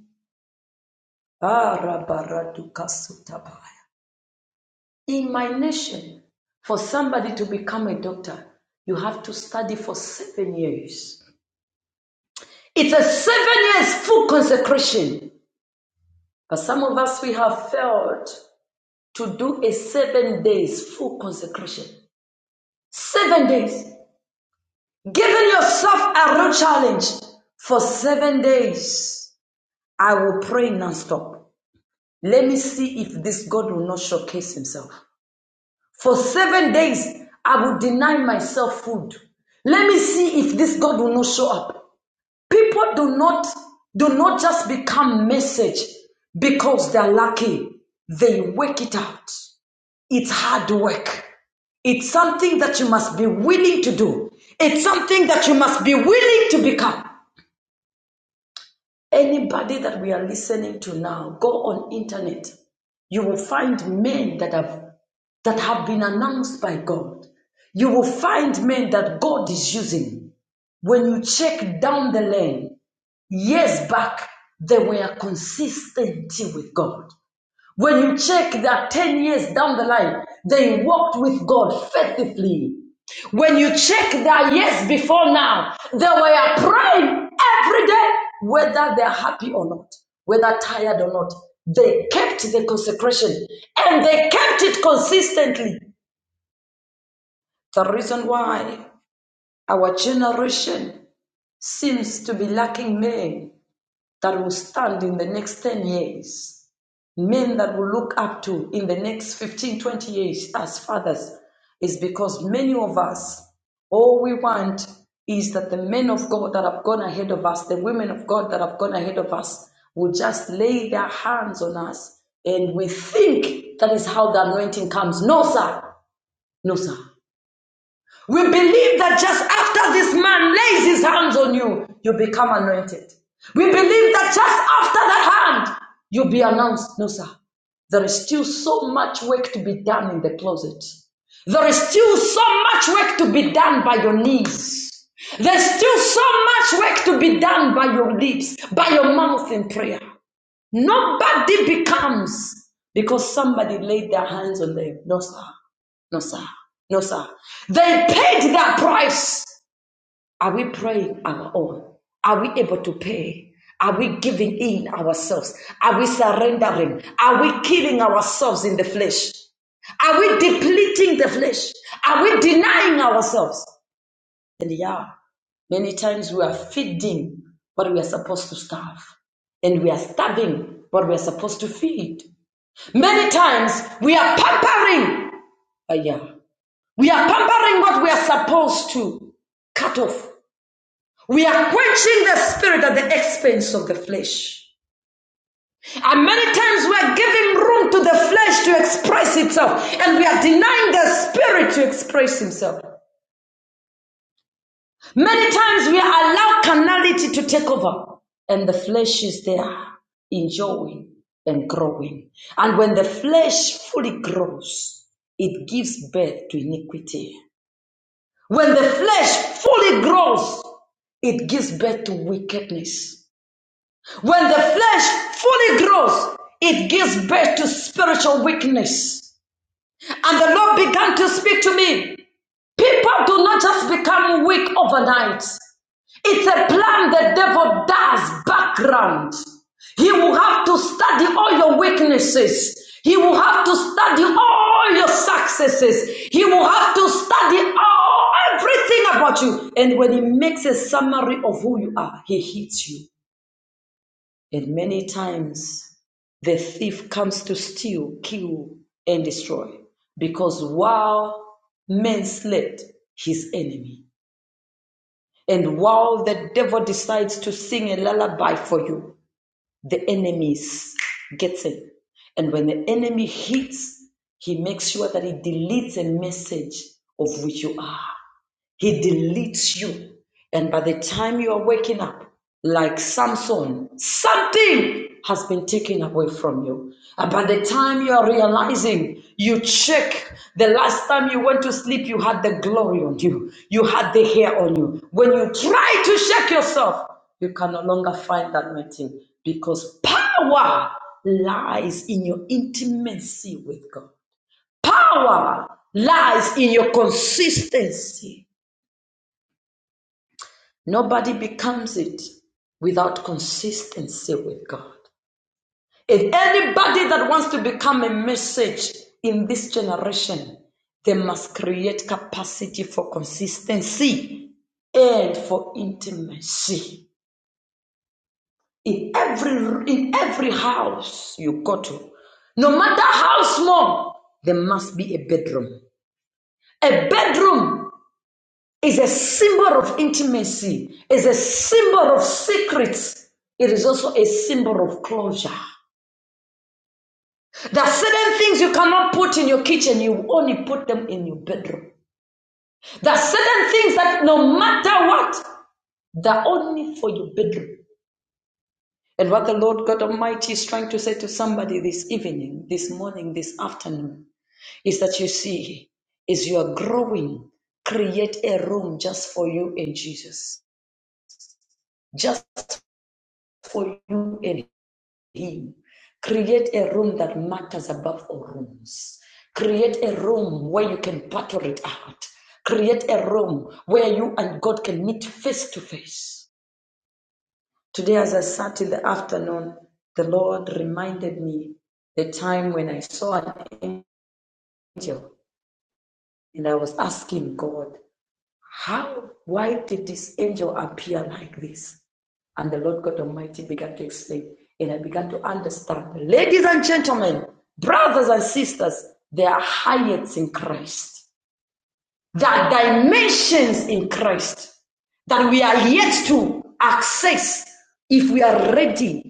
Speaker 2: Ah, In my nation, for somebody to become a doctor, you have to study for seven years. It's a seven years full consecration. But some of us, we have failed to do a seven days full consecration. Seven days. Giving yourself a real challenge for seven days I will pray non-stop. Let me see if this God will not showcase himself. For seven days, I will deny myself food. Let me see if this God will not show up. People do not do not just become message because they're lucky. They work it out. It's hard work. It's something that you must be willing to do. It's something that you must be willing to become. Anybody that we are listening to now, go on internet. You will find men that have that have been announced by God. You will find men that God is using. When you check down the lane, years back, they were consistent with God. When you check that 10 years down the line, they walked with God faithfully. When you check their years before now, they were praying every day, whether they're happy or not, whether tired or not. They kept the consecration and they kept it consistently. The reason why our generation seems to be lacking men that will stand in the next 10 years men that we look up to in the next 15 20 years as fathers is because many of us, all we want is that the men of God that have gone ahead of us, the women of God that have gone ahead of us, will just lay their hands on us and we think that is how the anointing comes. No, sir. No, sir. We believe that just after this man lays his hands on you, you become anointed. We believe that just after that hand, you'll be announced. No, sir. There is still so much work to be done in the closet. There is still so much work to be done by your knees. There's still so much work to be done by your lips, by your mouth in prayer. Nobody becomes because somebody laid their hands on them. No, sir. No, sir. No, sir. They paid that price. Are we praying our own? Are we able to pay? Are we giving in ourselves? Are we surrendering? Are we killing ourselves in the flesh? Are we depleting the flesh? Are we denying ourselves? And yeah, many times we are feeding what we are supposed to starve, and we are starving what we are supposed to feed. Many times we are pampering, uh, yeah, we are pampering what we are supposed to cut off. We are quenching the spirit at the expense of the flesh. And many times we are giving room to the flesh to express itself, and we are denying the spirit to express himself. Many times we allow carnality to take over, and the flesh is there enjoying and growing. And when the flesh fully grows, it gives birth to iniquity. When the flesh fully grows, it gives birth to wickedness. When the flesh fully grows, it gives birth to spiritual weakness. And the Lord began to speak to me. People do not just become weak overnight. It's a plan the devil does background. He will have to study all your weaknesses. He will have to study all your successes. He will have to study all everything about you. And when he makes a summary of who you are, he hits you. And many times the thief comes to steal, kill, and destroy. Because while men slept, his enemy and while the devil decides to sing a lullaby for you, the enemy is- gets in. And when the enemy hits, he makes sure that he deletes a message of which you are. He deletes you. And by the time you are waking up, like Samson, something has been taken away from you. And by the time you are realizing, you check the last time you went to sleep, you had the glory on you, you had the hair on you. When you try to shake yourself, you can no longer find that anointing because power lies in your intimacy with God. Power lies in your consistency Nobody becomes it without consistency with God. If anybody that wants to become a message in this generation, they must create capacity for consistency and for intimacy. In every in every house you go to, no matter how small, there must be a bedroom. A bedroom is a symbol of intimacy, is a symbol of secrets. It is also a symbol of closure. There are certain things you cannot put in your kitchen, you only put them in your bedroom. There are certain things that no matter what, they're only for your bedroom. And what the Lord God Almighty is trying to say to somebody this evening, this morning, this afternoon, is that you see, is you are growing, create a room just for you and Jesus. Just for you and him. Create a room that matters above all rooms. Create a room where you can battle it out. Create a room where you and God can meet face to face. Today, as I sat in the afternoon, the Lord reminded me the time when I saw an angel and I was asking God, How, why did this angel appear like this? And the Lord God Almighty began to explain, and I began to understand. Ladies and gentlemen, brothers and sisters, there are heights in Christ. There are dimensions in Christ that we are yet to access if we are ready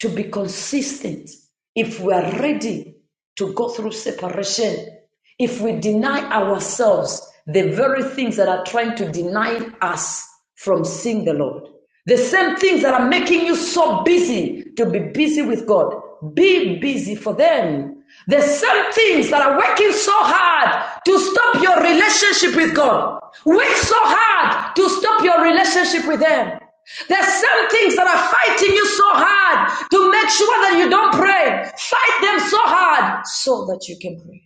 Speaker 2: to be consistent, if we are ready to go through separation, if we deny ourselves the very things that are trying to deny us from seeing the Lord, the same things that are making you so busy to be busy with God, be busy for them. The same things that are working so hard to stop your relationship with God, work so hard to stop your relationship with them. There's some things that are fighting you so hard to make sure that you don't pray. Fight them so hard so that you can pray.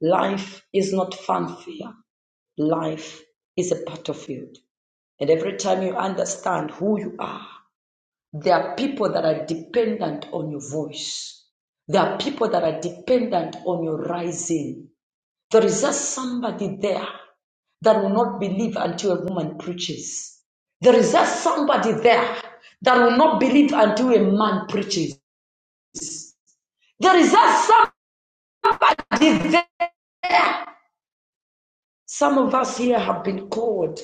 Speaker 2: Life is not fanfare. Life is a battlefield. And every time you understand who you are, there are people that are dependent on your voice. There are people that are dependent on your rising. There is just somebody there that will not believe until a woman preaches. There is just somebody there that will not believe until a man preaches. There is just somebody there. Some of us here have been called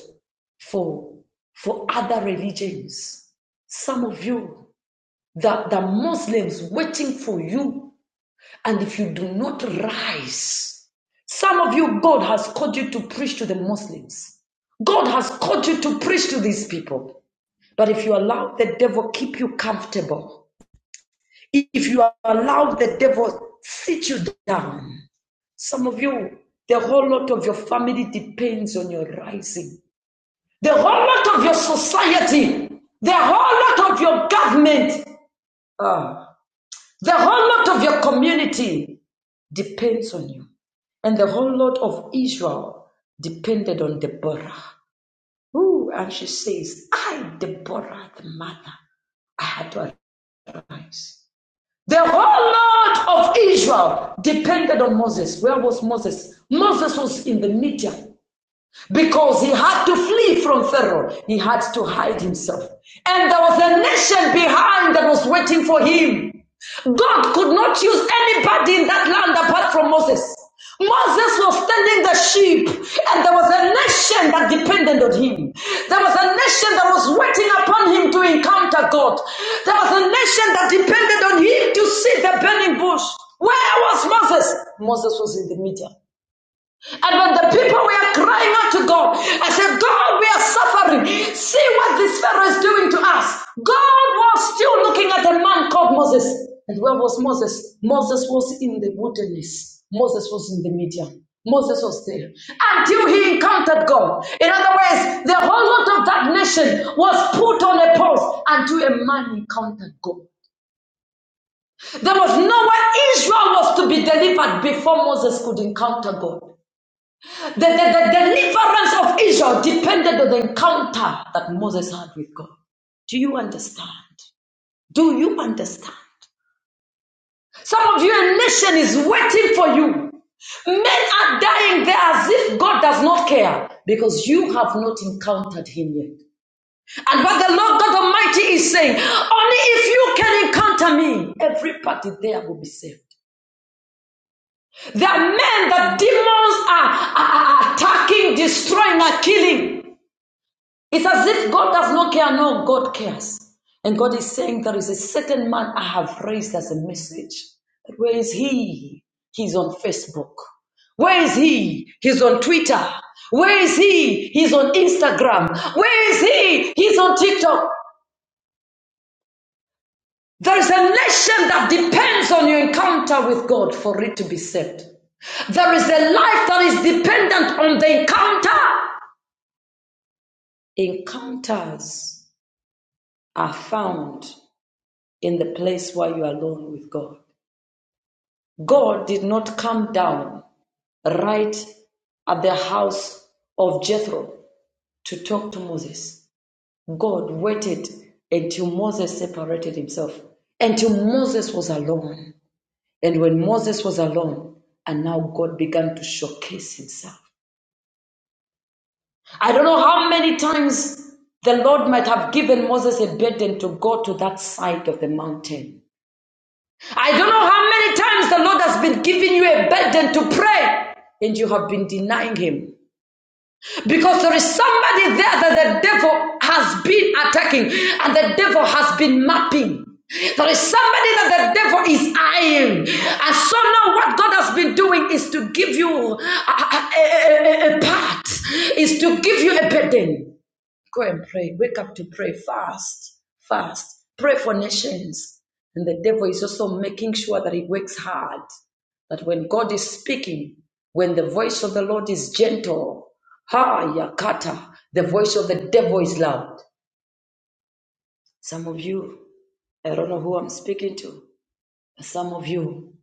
Speaker 2: for, for other religions. Some of you, the, the Muslims waiting for you And if you do not rise, some of you, God has called you to preach to the Muslims. God has called you to preach to these people. But if you allow the devil keep you comfortable, if you allow the devil sit you down, some of you, the whole lot of your family depends on your rising. The whole lot of your society, the whole lot of your government. Ah. The whole lot of your community depends on you. And the whole lot of Israel depended on Deborah. Ooh, and she says, I, Deborah, the mother, I had to arise. The whole lot of Israel depended on Moses. Where was Moses? Moses was in the Midian because he had to flee from Pharaoh. He had to hide himself. And there was a nation behind that was waiting for him. God could not use anybody in that land apart from Moses. Moses was tending the sheep, and there was a nation that depended on him. There was a nation that was waiting upon him to encounter God. There was a nation that depended on him to see the burning bush. Where was Moses? Moses was in the middle. And when the people were crying out to God, I said, God, we are suffering. See what this Pharaoh is doing to us. God was still looking at a man called Moses. And where was Moses? Moses was in the wilderness. Moses was in the Midian. Moses was there until he encountered God. In other words, the whole lot of that nation was put on a pause until a man encountered God. There was nowhere Israel was to be delivered before Moses could encounter God. The, the, the deliverance of Israel depended on the encounter that Moses had with God. Do you understand? Do you understand? Some of your nation is waiting for you. Men are dying there as if God does not care because you have not encountered Him yet. And what the Lord God Almighty is saying, only if you can encounter me, every party there will be saved. There are men that demons are, are are attacking, destroying, are killing. It's as if God does not care. No, God cares. And God is saying, There is a certain man I have raised as a message. But where is he? He's on Facebook. Where is he? He's on Twitter. Where is he? He's on Instagram. Where is he? He's on TikTok. There is a nation that depends on your encounter with God for it to be saved. There is a life that is dependent on the encounter. Encounters are found in the place where you are alone with God. God did not come down right at the house of Jethro to talk to Moses. God waited until Moses separated himself, until Moses was alone. And when Moses was alone, and now God began to showcase himself. I don't know how many times the Lord might have given Moses a burden to go to that side of the mountain I don't know how many times the Lord has been giving you a burden to pray and you have been denying Him. Because there is somebody there that the devil has been attacking and the devil has been mapping. There is somebody that the devil is eyeing. And so now, what God has been doing is to give you a, a, a, a part, is to give you a burden. Go and pray. Wake up to pray. Fast. Fast. Pray for nations. And the devil is also making sure that he works hard. That when God is speaking, when the voice of the Lord is gentle, ha yakata, the voice of the devil is loud. Some of you, I don't know who I'm speaking to. Some of you,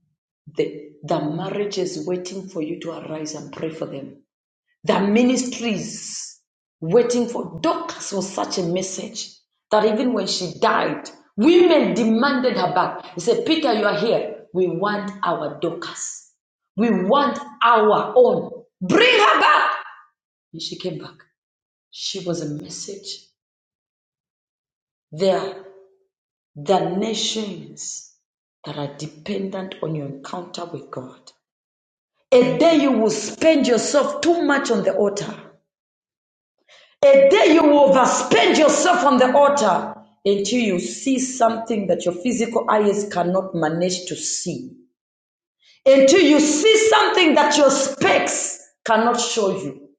Speaker 2: the, the marriage is waiting for you to arise and pray for them. The ministries waiting for Dorcas was such a message that even when she died, women demanded her back. They said, Peter, you are here. We want our Dorcas. We want our own. Bring her back. And she came back. She was a message there. The nations that are dependent on your encounter with God. A day you will spend yourself too much on the altar A day you will overspend yourself on the altar until you see something that your physical eyes cannot manage to see. Until you see something that your specs cannot show you.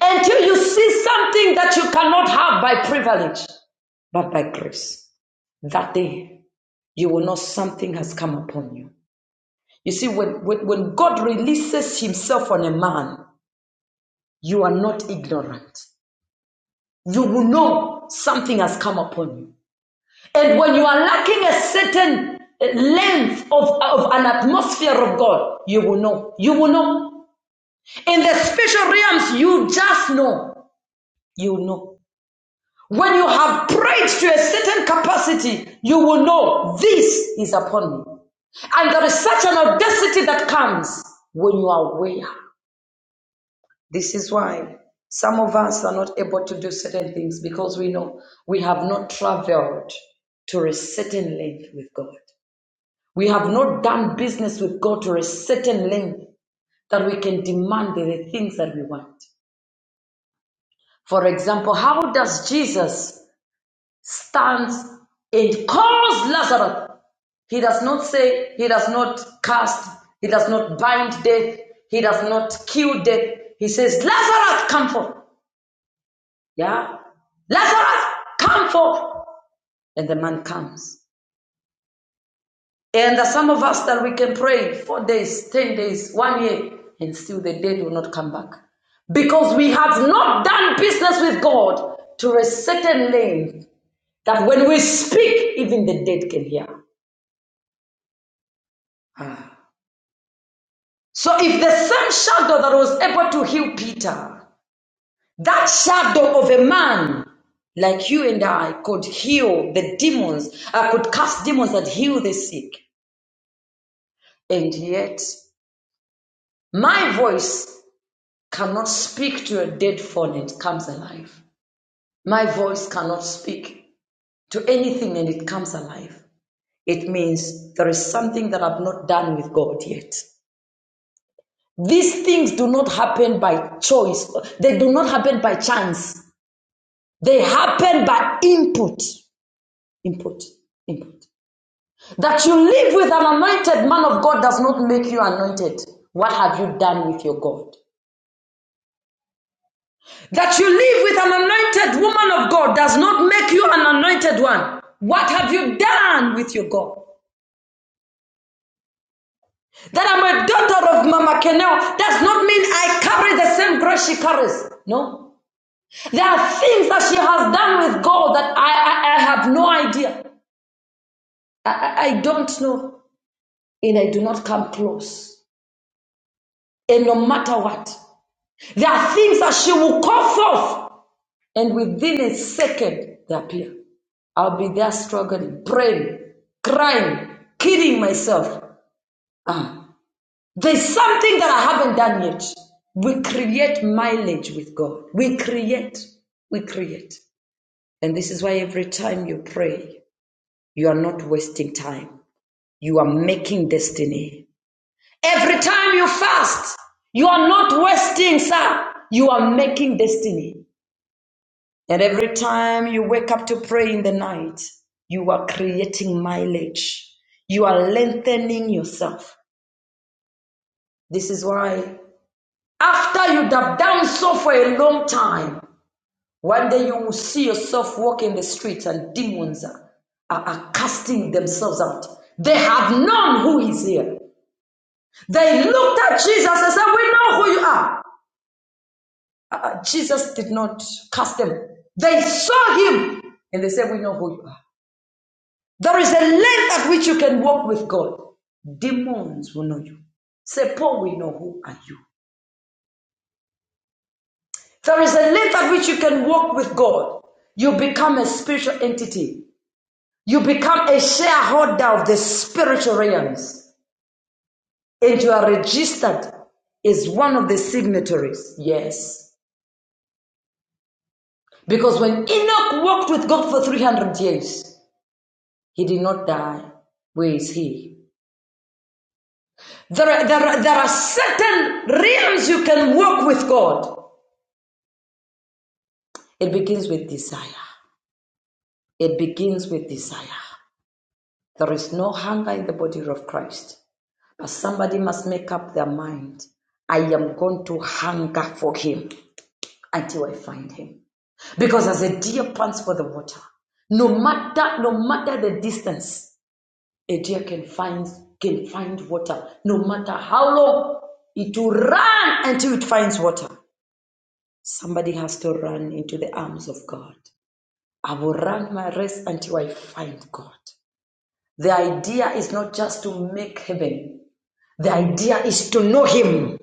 Speaker 2: Until you see something that you cannot have by privilege, but by grace. That day you will know something has come upon you. You see, when, when, when God releases Himself on a man, you are not ignorant. You will know something has come upon you. And when you are lacking a certain length of, of an atmosphere of God, you will know. You will know. In the spiritual realms, you just know. You know. When you have prayed to a certain capacity, you will know this is upon me. And there is such an audacity that comes when you are aware. This is why some of us are not able to do certain things because we know we have not traveled to a certain length with God. We have not done business with God to a certain length that we can demand the things that we want. For example, how does Jesus stand and calls Lazarus? He does not say, he does not cast, he does not bind death, he does not kill death. He says, Lazarus, come forth. Yeah? Lazarus, come forth. And the man comes. And there are some of us that we can pray four days, ten days, one year, and still the dead will not come back. Because we have not done business with God to a certain length that when we speak, even the dead can hear. Ah. So if the same shadow that was able to heal Peter, that shadow of a man like you and I could heal the demons, I could cast demons that heal the sick. And yet, my voice cannot speak to a dead phone and it comes alive. My voice cannot speak to anything and it comes alive. It means there is something that I've not done with God yet. These things do not happen by choice, they do not happen by chance. They happen by input, input, input. That you live with an anointed man of God does not make you anointed. What have you done with your God? That you live with an anointed woman of God does not make you an anointed one. What have you done with your God? That I'm a daughter of Mama Kenel does not mean I carry the same grace she carries. No. There are things that she has done with God that I, I, I have no idea. I, I I don't know. And I do not come close. And no matter what, there are things that she will call forth. And within a second, they appear. I'll be there struggling, praying, crying, kidding myself. Ah, there's something that I haven't done yet. We create mileage with God. We create. We create. And this is why every time you pray, you are not wasting time. You are making destiny. Every time you fast, you are not wasting, sir. You are making destiny. And every time you wake up to pray in the night, you are creating mileage. You are lengthening yourself. This is why, after you have done so for a long time, one day you will see yourself walking the streets and demons are, are, are casting themselves out. They have known who is here. They looked at Jesus and said, We know who you are. Uh, uh, Jesus did not cast them. They saw him and they said, We know who you are. There is a length at which you can walk with God. Demons will know you. Say, Paul, we know who are you. There is a length at which you can walk with God. You become a spiritual entity. You become a shareholder of the spiritual realms. And you are registered as one of the signatories. Yes. Because when Enoch walked with God for 300 years, he did not die. Where is he? There are, there, are, there are certain realms you can walk with God. It begins with desire. It begins with desire. There is no hunger in the body of Christ. But somebody must make up their mind. I am going to hunger for him until I find him. Because as a deer pants for the water, no matter no matter the distance, a deer can find can find water, no matter how long it will run until it finds water. Somebody has to run into the arms of God. I will run my race until I find God. The idea is not just to make heaven, the idea is to know Him,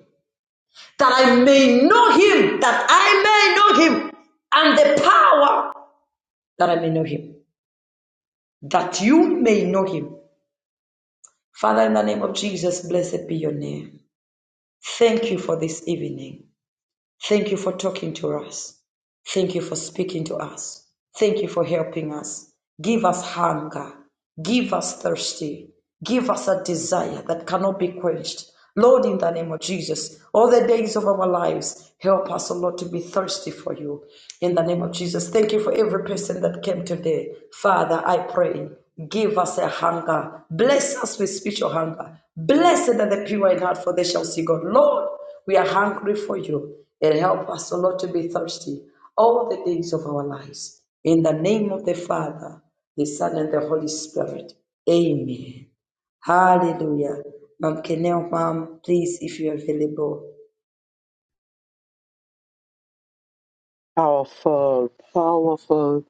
Speaker 2: that I may know Him, that I may know Him, and the power that I may know Him, that you may know Him. Father, in the name of Jesus, blessed be your name. Thank you for this evening. Thank you for talking to us. Thank you for speaking to us. Thank you for helping us. Give us hunger. Give us thirsty. Give us a desire that cannot be quenched. Lord, in the name of Jesus, all the days of our lives, help us, O Lord, to be thirsty for you. In the name of Jesus, thank you for every person that came today. Father, I pray, give us a hunger. Bless us with spiritual hunger. Blessed are the pure in heart, for they shall see God. Lord, we are hungry for you and help us, O Lord, to be thirsty all the days of our lives. In the name of the Father, the Son, and the Holy Spirit. Amen. Hallelujah. Mom Kenel, Mom, please, if you're available.
Speaker 3: Powerful, powerful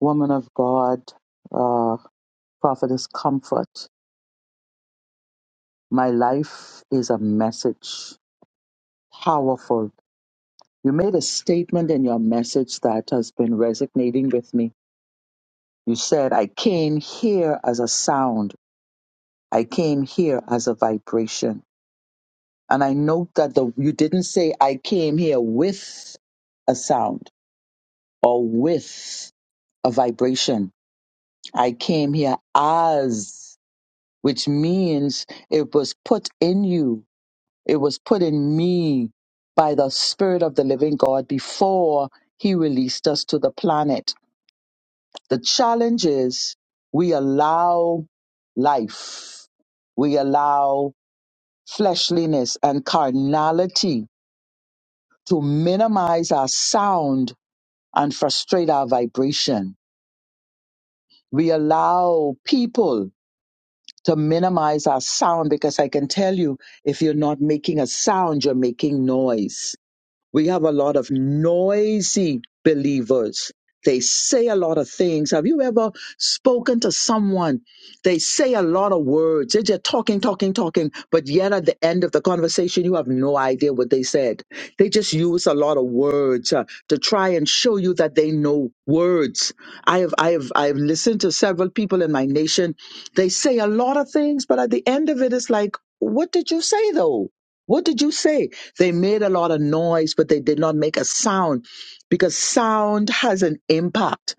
Speaker 3: woman of God. Prophetess Comfort, my life is a message. Powerful. You made a statement in your message that has been resonating with me. You said, I came here as a sound, I came here as a vibration. And I note that the, you didn't say, I came here with a sound or with a vibration. I came here as, which means it was put in you It was put in me by the Spirit of the living God before He released us to the planet. The challenge is we allow life, we allow fleshliness and carnality to minimize our sound and frustrate our vibration. We allow people to minimize our sound because I can tell you if you're not making a sound, you're making noise We have a lot of noisy believers. They say a lot of things. Have you ever spoken to someone? They say a lot of words. They're just talking, talking, talking, but yet at the end of the conversation, you have no idea what they said. They just use a lot of words uh, to try and show you that they know words. I have, I have, I have listened to several people in my nation. They say a lot of things, but at the end of it, it's like, what did you say though? What did you say? They made a lot of noise, but they did not make a sound because sound has an impact.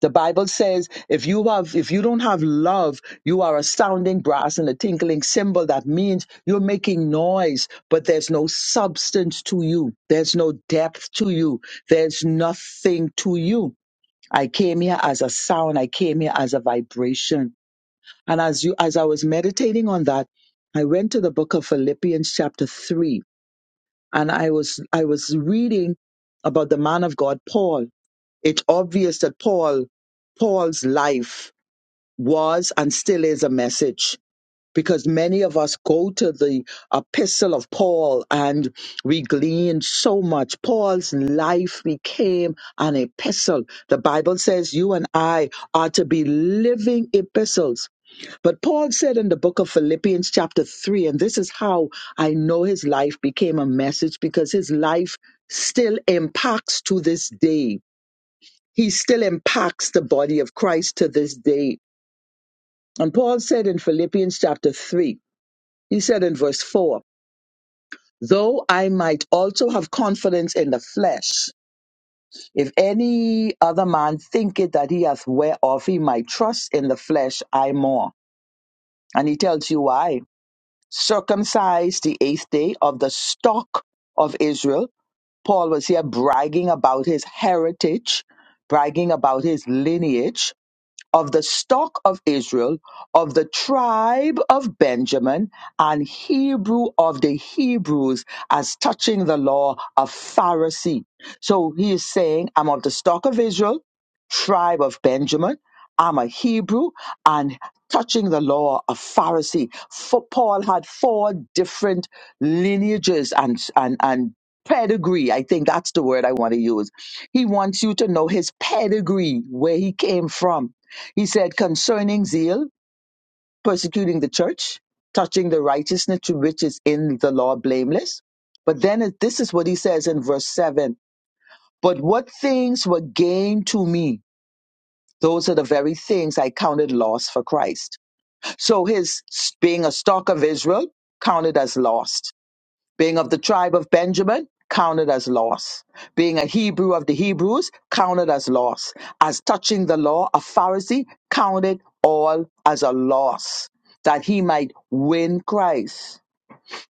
Speaker 3: The Bible says if you have if you don't have love, you are a sounding brass and a tinkling cymbal. That means you're making noise, but there's no substance to you. There's no depth to you. There's nothing to you. I came here as a sound. I came here as a vibration. And as you as I was meditating on that, I went to the book of Philippians chapter 3 and I was I was reading about the man of God Paul. It's obvious that Paul Paul's life was and still is a message because many of us go to the epistle of Paul and we glean so much. Paul's life became an epistle. The Bible says you and I are to be living epistles but Paul said in the book of Philippians, chapter 3, and this is how I know his life became a message because his life still impacts to this day. He still impacts the body of Christ to this day. And Paul said in Philippians, chapter 3, he said in verse 4, though I might also have confidence in the flesh, if any other man thinketh that he hath whereof he might trust in the flesh, I more. And he tells you why. circumcised the eighth day of the stock of Israel. Paul was here bragging about his heritage, bragging about his lineage of the stock of Israel, of the tribe of Benjamin, and Hebrew of the Hebrews, as touching the law of Pharisee. So he is saying, I'm of the stock of Israel, tribe of Benjamin, I'm a Hebrew, and touching the law of Pharisee. For Paul had four different lineages and, and, and pedigree. I think that's the word I want to use. He wants you to know his pedigree, where he came from he said, concerning zeal, persecuting the church, touching the righteousness to which is in the law blameless. But then it- this is what he says in verse 7 But what things were gained to me, those are the very things I counted loss for Christ. So his being a stock of Israel counted as lost being of the tribe of Benjamin, counted as loss. Being a Hebrew of the Hebrews, counted as loss. As touching the law, a Pharisee, counted all as a loss, that he might win Christ.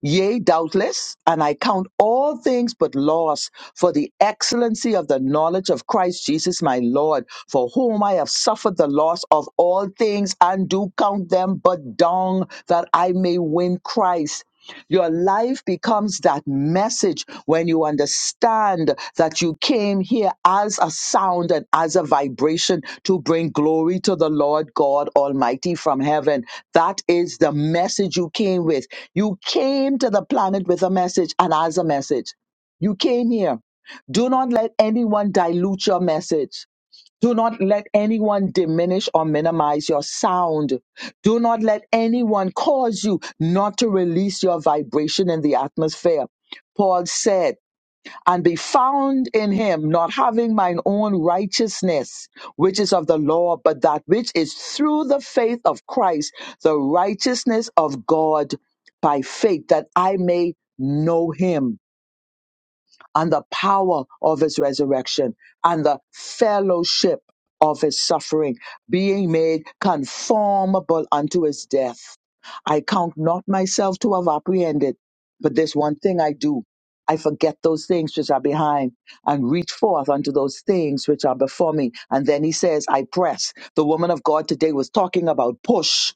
Speaker 3: Yea, doubtless, and I count all things but loss for the excellency of the knowledge of Christ Jesus my Lord, for whom I have suffered the loss of all things and do count them but dung, that I may win Christ your life becomes that message when you understand that you came here as a sound and as a vibration to bring glory to the Lord God Almighty from heaven. That is the message you came with. You came to the planet with a message and as a message. You came here. Do not let anyone dilute your message. Do not let anyone diminish or minimize your sound. Do not let anyone cause you not to release your vibration in the atmosphere. Paul said, and be found in him, not having mine own righteousness, which is of the law, but that which is through the faith of Christ, the righteousness of God by faith, that I may know him and the power of his resurrection and the fellowship of his suffering, being made conformable unto his death. I count not myself to have apprehended, but this one thing I do. I forget those things which are behind and reach forth unto those things which are before me. And then he says, I press. The woman of God today was talking about push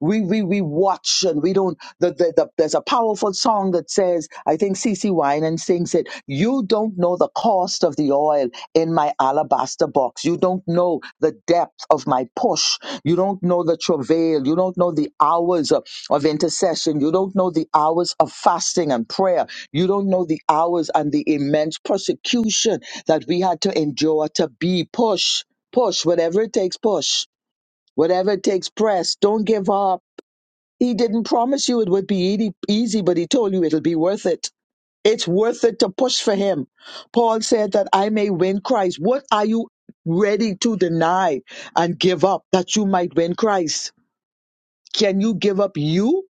Speaker 3: we we we watch and we don't the, the, the there's a powerful song that says i think cc Winans sings it you don't know the cost of the oil in my alabaster box you don't know the depth of my push you don't know the travail you don't know the hours of, of intercession you don't know the hours of fasting and prayer you don't know the hours and the immense persecution that we had to endure to be push push whatever it takes push Whatever it takes, press. Don't give up. He didn't promise you it would be easy, easy, but he told you it'll be worth it. It's worth it to push for him. Paul said that I may win Christ. What are you ready to deny and give up that you might win Christ? Can you give up you?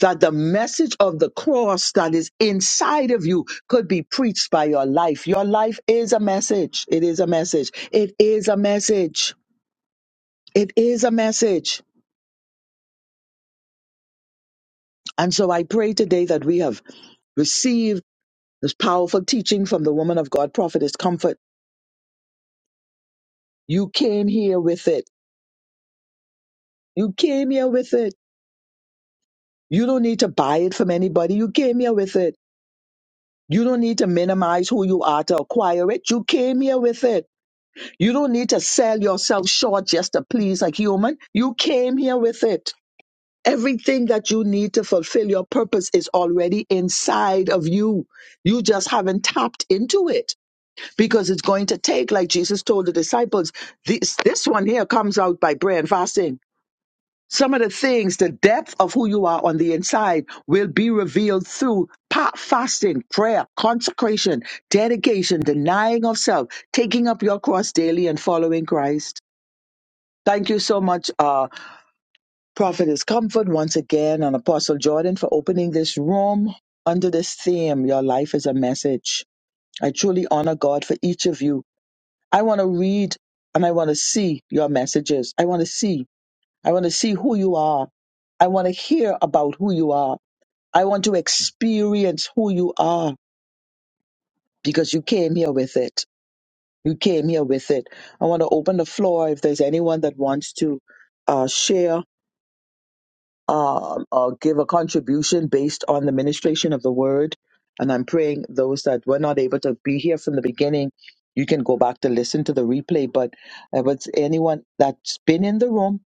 Speaker 3: That the message of the cross that is inside of you could be preached by your life. Your life is a message. It is a message. It is a message. It is a message. And so I pray today that we have receive this powerful teaching from the woman of God, Prophetess Comfort. You came here with it. You came here with it. You don't need to buy it from anybody. You came here with it. You don't need to minimize who you are to acquire it. You came here with it. You don't need to sell yourself short just to please a human. You came here with it. Everything that you need to fulfill your purpose is already inside of you. You just haven't tapped into it. because it's going to take, like Jesus told the disciples, this, this one here comes out by prayer and fasting. Some of the things, the depth of who you are on the inside will be revealed through pa- fasting, prayer, consecration, dedication, denying of self, taking up your cross daily and following Christ. Thank you so much, uh, Prophetess Comfort, once again, and Apostle Jordan for opening this room under this theme, Your Life is a Message. I truly honor God for each of you I want to read and I want to see your messages. I want to see. I want to see who you are. I want to hear about who you are. I want to experience who you are because you came here with it. You came here with it. I want to open the floor if there's anyone that wants to uh, share um, uh, give a contribution based on the ministration of the word. And I'm praying those that were not able to be here from the beginning, you can go back to listen to the replay. But uh, but anyone that's been in the room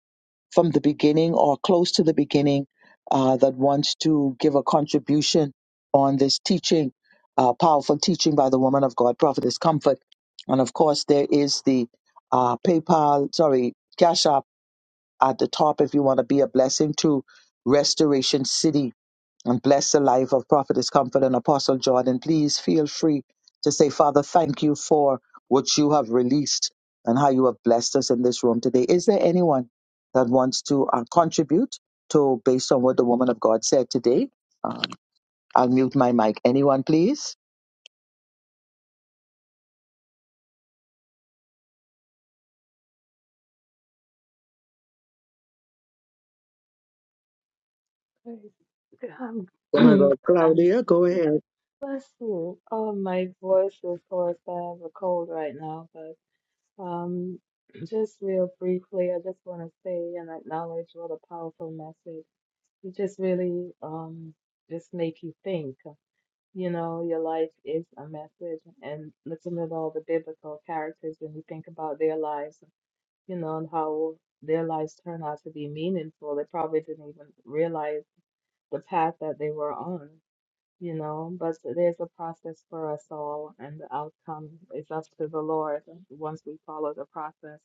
Speaker 3: from the beginning or close to the beginning uh, that wants to give a contribution on this teaching, uh, powerful teaching by the woman of God, Prophetess Comfort. And of course, there is the uh, PayPal, sorry, Cash App at the top if you want to be a blessing to Restoration City and bless the life of Prophetess Comfort and Apostle Jordan. Please feel free to say, Father, thank you for what you have released and how you have blessed us in this room today. Is there anyone that wants to uh, contribute to based on what the woman of God said today? Um, I'll mute my mic. Anyone, please?
Speaker 4: Praise God.
Speaker 3: Woman of
Speaker 4: I'm,
Speaker 3: God,
Speaker 4: this
Speaker 3: Claudia, go
Speaker 4: is
Speaker 3: ahead.
Speaker 4: bless you. Oh, my voice is hoarse. I have a cold right now, but um, just real briefly, I just want to say and acknowledge what a powerful message. It just really um just make you think. You know, your life is a message, and looking at all the biblical characters, when you think about their lives, you know, and how their lives turn out to be meaningful, they probably didn't even realize the path that they were on, you know. But there's a process for us all, and the outcome is up to the Lord once we follow the process.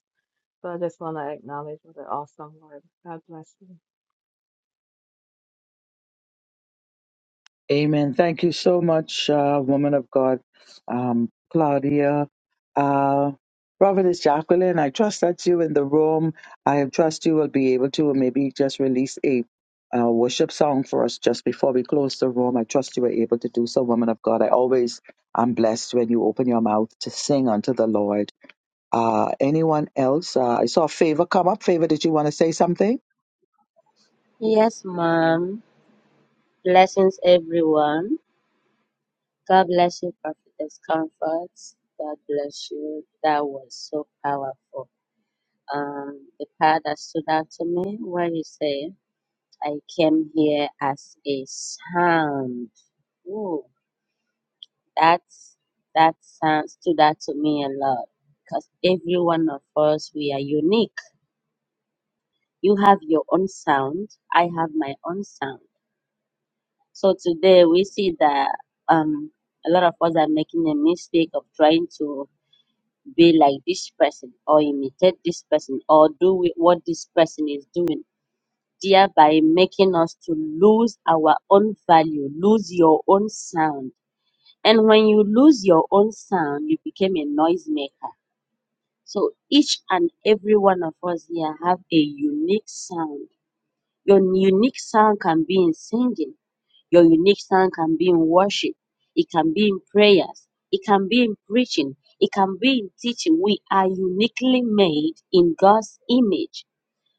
Speaker 4: So I just want to acknowledge what an awesome word. God bless you.
Speaker 3: Amen. Thank you so much, uh, woman of God, um, Claudia. Uh, Providence Jacqueline, I trust that you in the room. I trust you will be able to maybe just release a uh, worship song for us just before we close the room. I trust you were able to do so, woman of God. I always am blessed when you open your mouth to sing unto the Lord. Uh, anyone else? Uh, I saw Favor come up. Favor, did you want to say something?
Speaker 5: Yes, ma'am. Blessings, everyone. God bless you, Prophetess Comfort. God bless you. That was so powerful. Um, the part that stood out to me, where you say, I came here as a sound. Ooh, that's, that sound stood out to me a lot. Because every one of us, we are unique. You have your own sound. I have my own sound. So today we see that um, a lot of us are making a mistake of trying to be like this person or imitate this person or do wi- what this person is doing, thereby making us to lose our own value, lose your own sound. And when you lose your own sound, you became a noisemaker. So each and every one of us here have a unique sound. Your unique sound can be in singing Your unique sound can be in worship, it can be in prayers, it can be in preaching, it can be in teaching. We are uniquely made in God's image.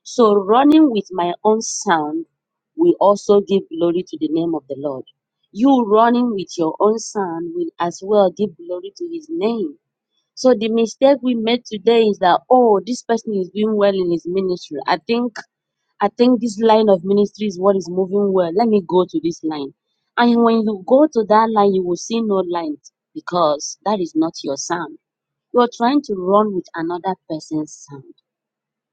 Speaker 5: So, running with my own sound will also give glory to the name of the Lord. You running with your own sound will as well give glory to his name. So the mistake we made today is that oh, this person is doing well in his ministry. I think I think this line of ministry is what is moving well. Let me go to this line. And when you go to that line, you will see no light because that is not your sound. You are trying to run with another person's sound.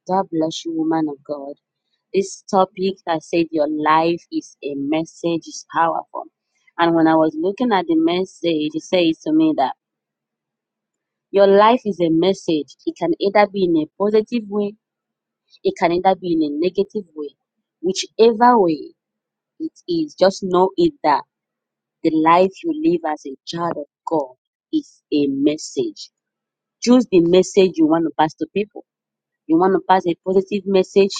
Speaker 5: God bless you, woman of God. This topic that said your life is a message is powerful. And when I was looking at the message, it says to me that your life is a message. It can either be in a positive way, it can either be in a negative way. Whichever way, it is. Just know it that the life you live as a child of God is a message. Choose the message you want to pass to people. You want to pass a positive message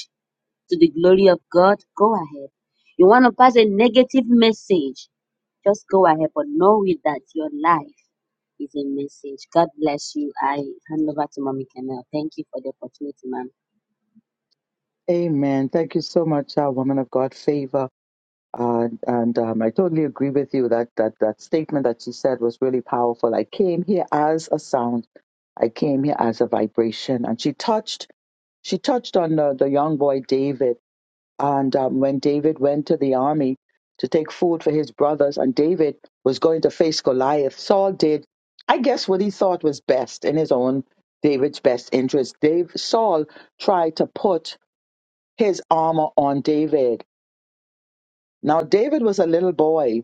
Speaker 5: to the glory of God? Go ahead. You want to pass a negative message? Just go ahead. But know it that your life is a message. God bless you. I hand over to Mommy Kennel. Thank you for the opportunity, ma'am.
Speaker 3: Amen. Thank you so much, uh, woman of God, Favor. And, and um, I totally agree with you that, that that statement that she said was really powerful. I came here as a sound. I came here as a vibration. And she touched she touched on the, the young boy David. And um, when David went to the army to take food for his brothers, and David was going to face Goliath, Saul did, I guess, what he thought was best in his own David's best interest. Dave, Saul tried to put his armor on David. Now, David was a little boy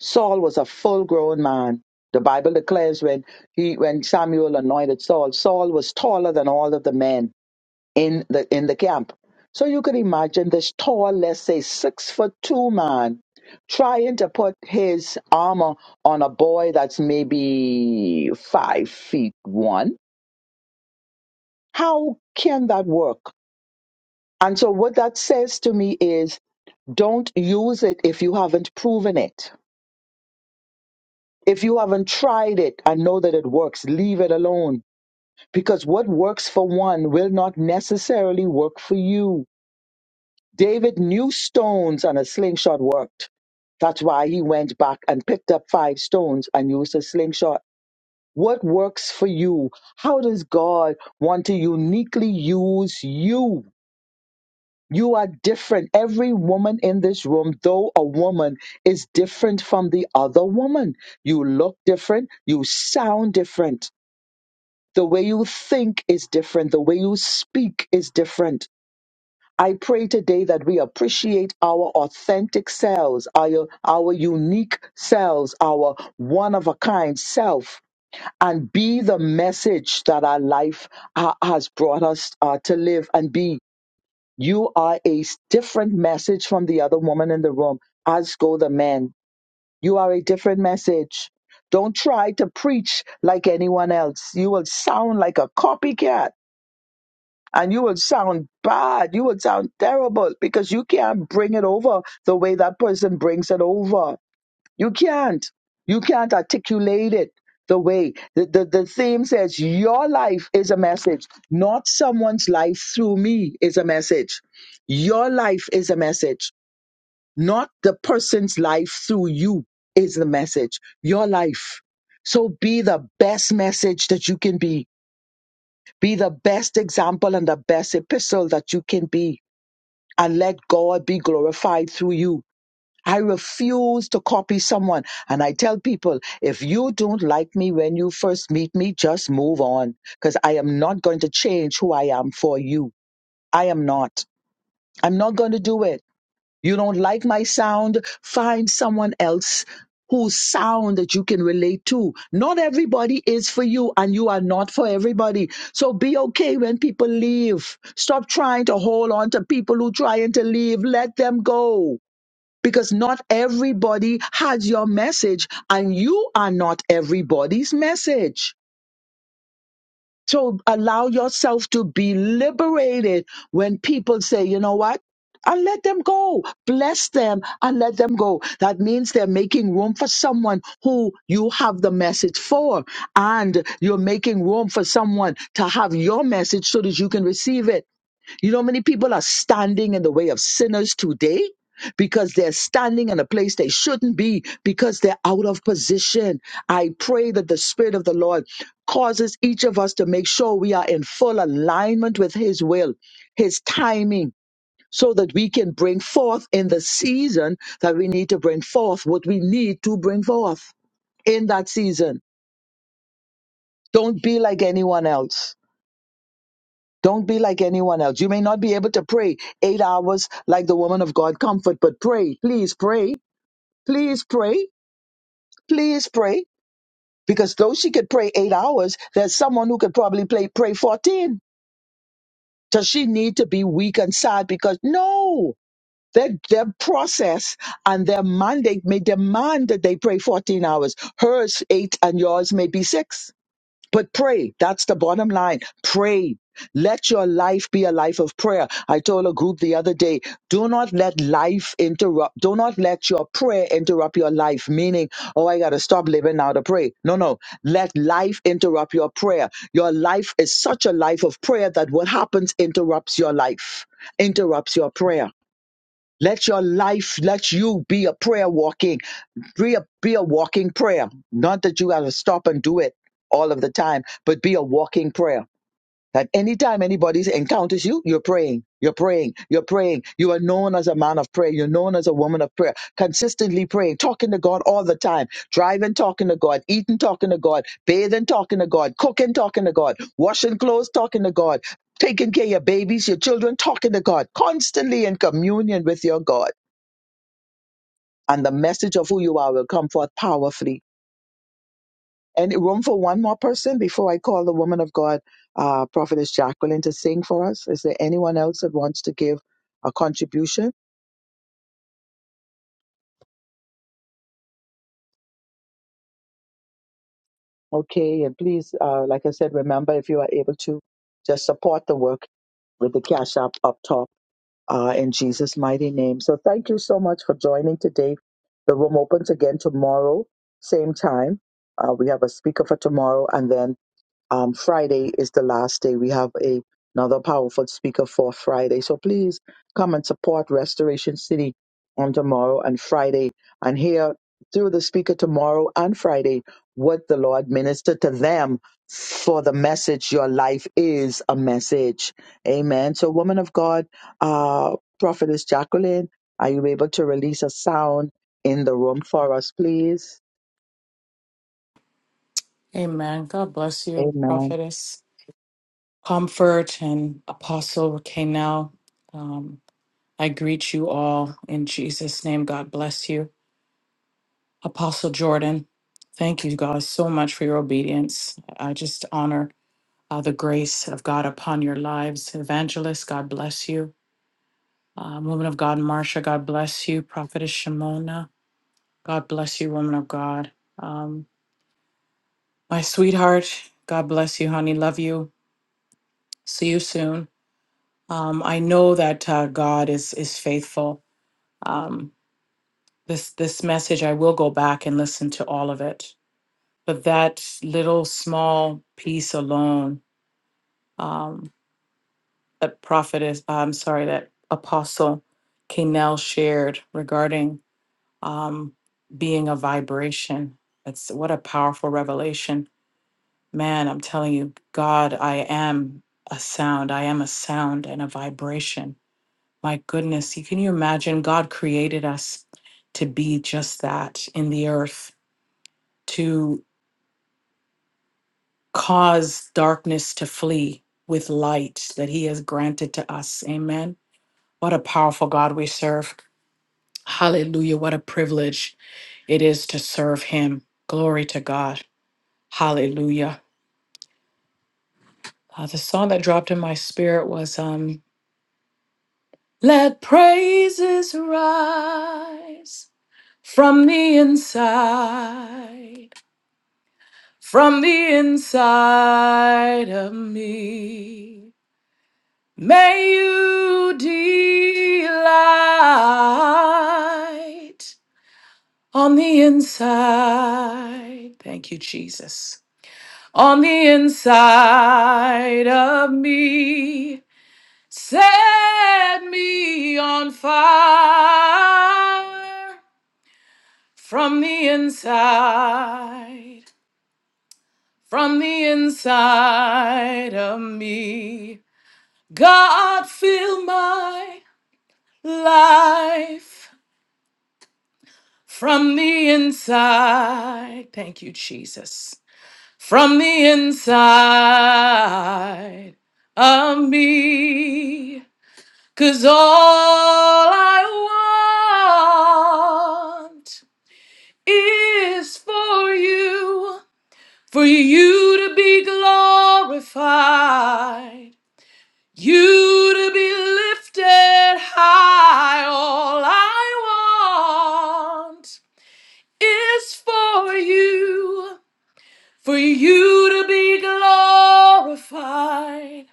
Speaker 3: Saul was a full grown man. The Bible declares when he when Samuel anointed Saul, Saul was taller than all of the men in the in the camp. So you can imagine this tall, let's say six foot two man trying to put his armor on a boy that's maybe five feet one. How can that work? And so what that says to me is don't use it if you haven't proven it If you haven't tried it and know that it works, leave it alone because what works for one will not necessarily work for you. David knew stones and a slingshot worked. That's why he went back and picked up five stones and used a slingshot. What works for you? How does God want to uniquely use you? You are different. Every woman in this room, though a woman, is different from the other woman. You look different. You sound different The way you think is different. The way you speak is different. I pray today that we appreciate our authentic selves, our, our unique selves, our one of a kind self, and be the message that our life uh, has brought us uh, to live and be. You are a s- different message from the other woman in the room, as go the men. You are a different message. Don't try to preach like anyone else. You will sound like a copycat and you will sound bad. You will sound terrible because you can't bring it over the way that person brings it over. You can't. You can't articulate it the way. The, the, the theme says your life is a message, not someone's life through me is a message. Your life is a message, not the person's life through you is the message. Your life. So be the best message that you can be be the best example and the best epistle that you can be and let God be glorified through you. I refuse to copy someone. And I tell people, if you don't like me when you first meet me, just move on because I am not going to change who I am for you. I am not. I'm not going to do it. You don't like my sound? Find someone else whose sound that you can relate to. Not everybody is for you, and you are not for everybody. So be okay when people leave. Stop trying to hold on to people who trying to leave. Let them go. Because not everybody has your message, and you are not everybody's message. So allow yourself to be liberated when people say, you know what? And let them go. Bless them and let them go. That means they're making room for someone who you have the message for. And you're making room for someone to have your message so that you can receive it. You know, many people are standing in the way of sinners today because they're standing in a place they shouldn't be because they're out of position. I pray that the Spirit of the Lord causes each of us to make sure we are in full alignment with His will, His timing. So that we can bring forth in the season that we need to bring forth what we need to bring forth in that season. Don't be like anyone else Don't be like anyone else. You may not be able to pray eight hours like the woman of God comfort, but pray, please pray, please pray, please pray. Because though she could pray eight hours, there's someone who could probably play, pray 14. Does she need to be weak and sad? Because no, their, their process and their mandate may demand that they pray 14 hours. Hers eight and yours may be six. But pray. That's the bottom line. Pray. Let your life be a life of prayer. I told a group the other day, do not let life interrupt. Do not let your prayer interrupt your life, meaning, oh, I got to stop living now to pray. No, no. Let life interrupt your prayer. Your life is such a life of prayer that what happens interrupts your life, interrupts your prayer. Let your life, let you be a prayer walking, be a, be a walking prayer. Not that you got to stop and do it all of the time, but be a walking prayer. That anytime anybody encounters you, you're praying, you're praying, you're praying. You are known as a man of prayer. You're known as a woman of prayer. Consistently praying, talking to God all the time, driving, talking to God, eating, talking to God, bathing, talking to God, cooking, talking to God, washing clothes, talking to God, taking care of your babies, your children, talking to God, constantly in communion with your God and the message of who you are will come forth powerfully. Any room for one more person before I call the woman of God, uh, Prophetess Jacqueline, to sing for us? Is there anyone else that wants to give a contribution? Okay, and please, uh, like I said, remember if you are able to, just support the work with the cash app up top uh, in Jesus' mighty name. So thank you so much for joining today. The room opens again tomorrow, same time. Uh, we have a speaker for tomorrow, and then um, Friday is the last day. We have a, another powerful speaker for Friday. So please come and support Restoration City on tomorrow and Friday and hear through the speaker tomorrow and Friday what the Lord ministered to them for the message. Your life is a message. Amen. So, woman of God, uh, prophetess Jacqueline, are you able to release a sound in the room for us, please?
Speaker 6: Amen. God bless you,
Speaker 3: Amen.
Speaker 6: prophetess, comfort, and apostle Kanel. Um, I greet you all in Jesus' name. God bless you, Apostle Jordan. Thank you, guys, so much for your obedience. I just honor uh, the grace of God upon your lives, Evangelist. God bless you, uh, woman of God, Marsha. God bless you, prophetess Shimona. God bless you, woman of God. Um, my sweetheart. God bless you, honey. Love you. See you soon. Um, I know that uh, God is is faithful. Um, this this message, I will go back and listen to all of it. But that little small piece alone, um, that prophetess, uh, I'm sorry, that apostle Kanell shared regarding um, being a vibration. That's what a powerful revelation, man. I'm telling you, God, I am a sound. I am a sound and a vibration My goodness, you- can you imagine? God created us to be just that in the earth, to cause darkness to flee with light that He has granted to us. Amen. What a powerful God we serve. Hallelujah. What a privilege it is to serve Him. Glory to God. Hallelujah. Uh, the song that dropped in my spirit was um, Let Praises Rise from the inside. from the inside of me. May you delight on the inside. Thank you, Jesus. On the inside of me, set me on fire from the inside, from the inside of me. God, fill my life from the inside. Thank you, Jesus. From the inside of me. Cause all I want is for you, for you to be glorified You to be lifted high, all I want is for you, for you to be glorified,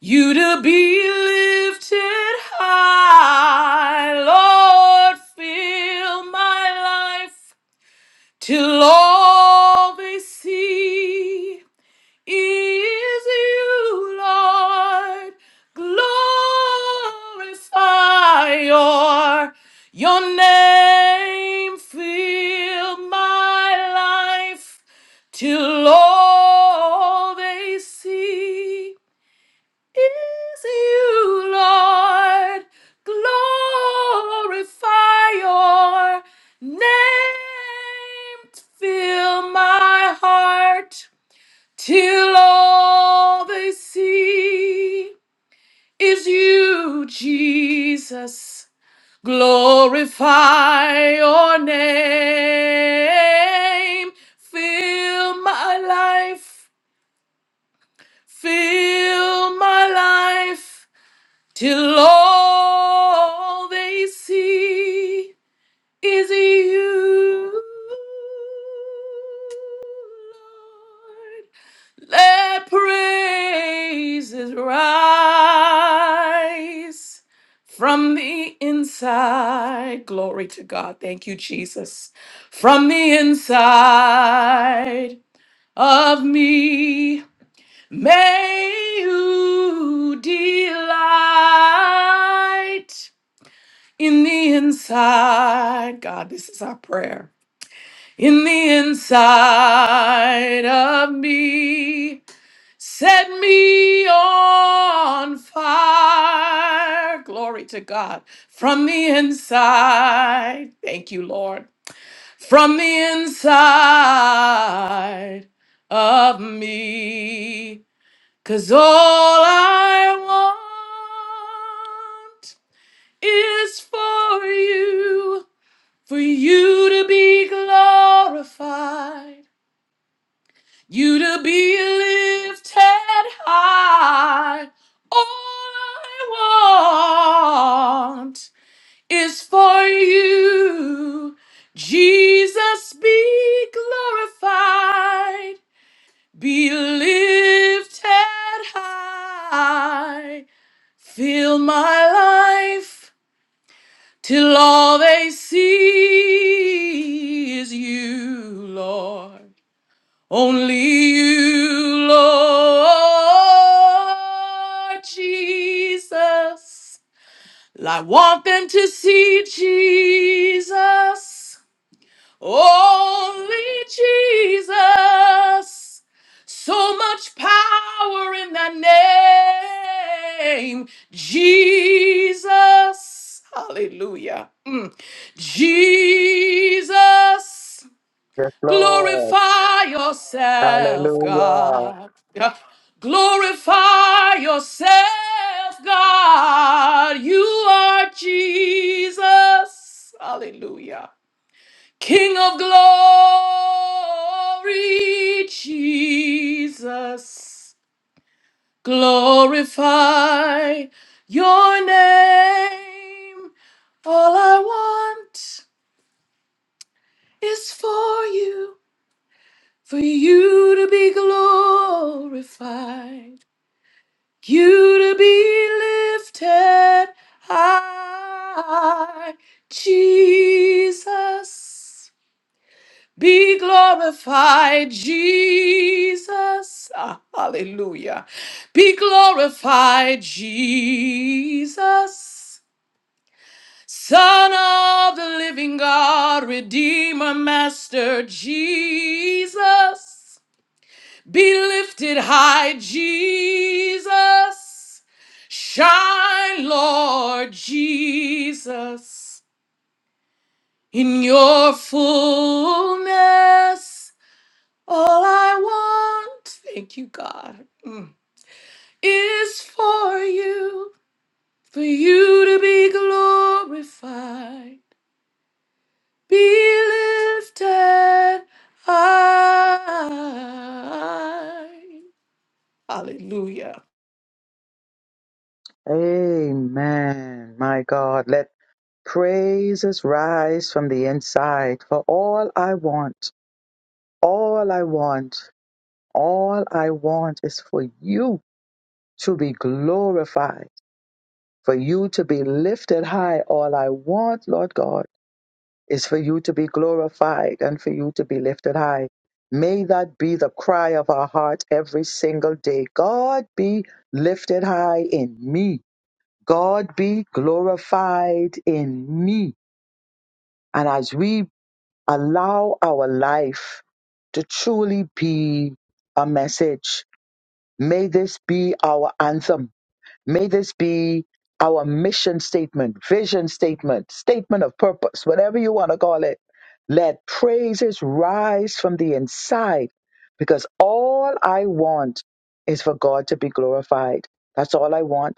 Speaker 6: you to be lifted high, Lord, fill my life till all they see. is you, Lord. Glorify your, your name. Fill my life till all they see is you, Lord. Glorify your name. Fill my heart till all they see is you, Jesus. Glorify your name. Fill my life, fill my life, till all they see is you, Lord. Let praises rise from the inside. Glory to God. Thank you, Jesus. From the inside of me, may you delight in the inside. God, this is our prayer. In the inside of me. Set me on fire. Glory to God. From the inside. Thank you, Lord. From the inside of me. Cause all I want is for you, for you to be glorified you to be lifted high. All I want is for you. Jesus be glorified, be lifted high. Fill my life till all they see is you, Lord. Only you, Lord Jesus. I want them to see Jesus. Only Jesus. So much power in that name, Jesus. Hallelujah. Mm. Jesus.
Speaker 3: Yes, Lord.
Speaker 6: Glorify yourself,
Speaker 3: Hallelujah.
Speaker 6: God. Yeah. Glorify yourself, God. You are Jesus. Hallelujah. King of glory, Jesus. Glorify your name. All I want is for you. for you to be glorified, you to be lifted high. Jesus, be glorified, Jesus. Ah, hallelujah. Be glorified, Jesus. Son of the living God, Redeemer, Master Jesus. Be lifted high, Jesus. Shine, Lord Jesus. In your fullness, all I want, thank you, God, mm, is for you, for you to be glorified. Be lifted high. Hallelujah.
Speaker 3: Amen. My God, let praises rise from the inside. For all I want, all I want, all I want is for you to be glorified, for you to be lifted high. All I want, Lord God, is for you to be glorified and for you to be lifted high. May that be the cry of our heart every single day. God be lifted high in me. God be glorified in me. And as we allow our life to truly be a message, may this be our anthem. May this be our mission statement, vision statement, statement of purpose, whatever you want to call it. Let praises rise from the inside because all I want is for God to be glorified. That's all I want.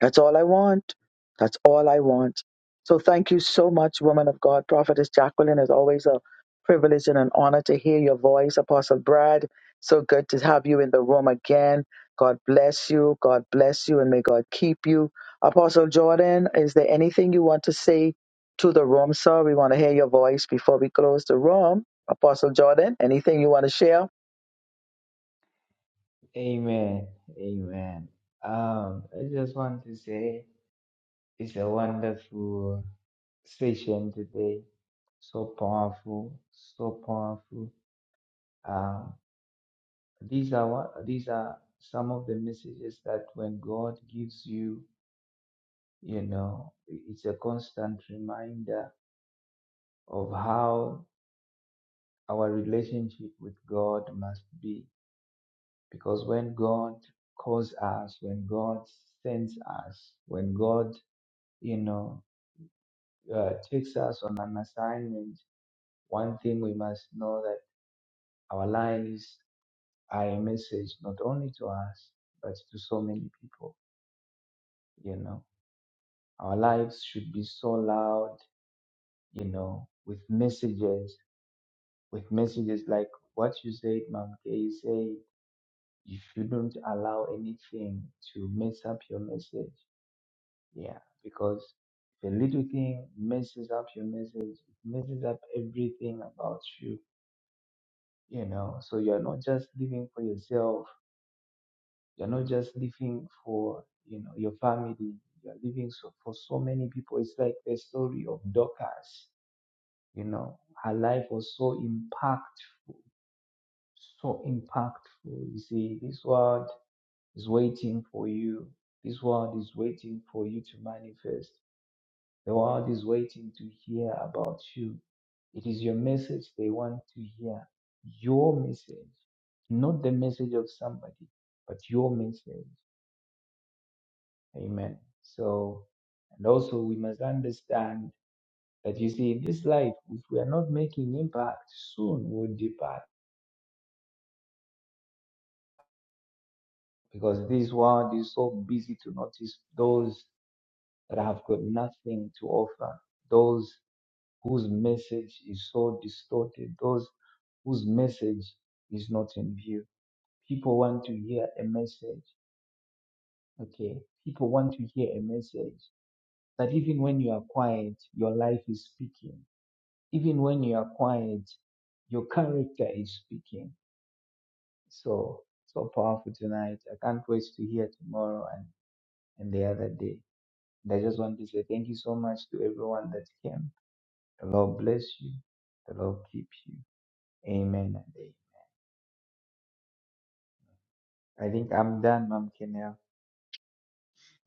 Speaker 3: That's all I want. That's all I want. So thank you so much, woman of God. Prophetess Jacqueline, it's always a privilege and an honor to hear your voice. Apostle Brad, so good to have you in the room again. God bless you. God bless you and may God keep you. Apostle Jordan, is there anything you want to say to the room, sir? We want to hear your voice before we close the room. Apostle Jordan, anything you want to share?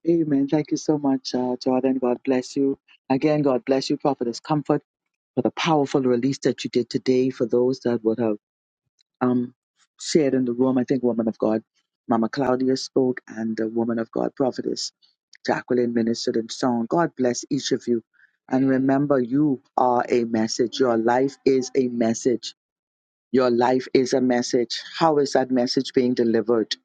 Speaker 3: Amen. Thank you so much, uh, Jordan. God bless you. Again, God bless you, Prophetess Comfort. for the powerful release that you did today for those that would have um, shared in the room. I think woman of God, Mama Claudia spoke, and the woman of God, prophetess Jacqueline ministered in song. God bless each of you. And remember, you are a message. Your life is a message. Your life is a message. How is that message being delivered?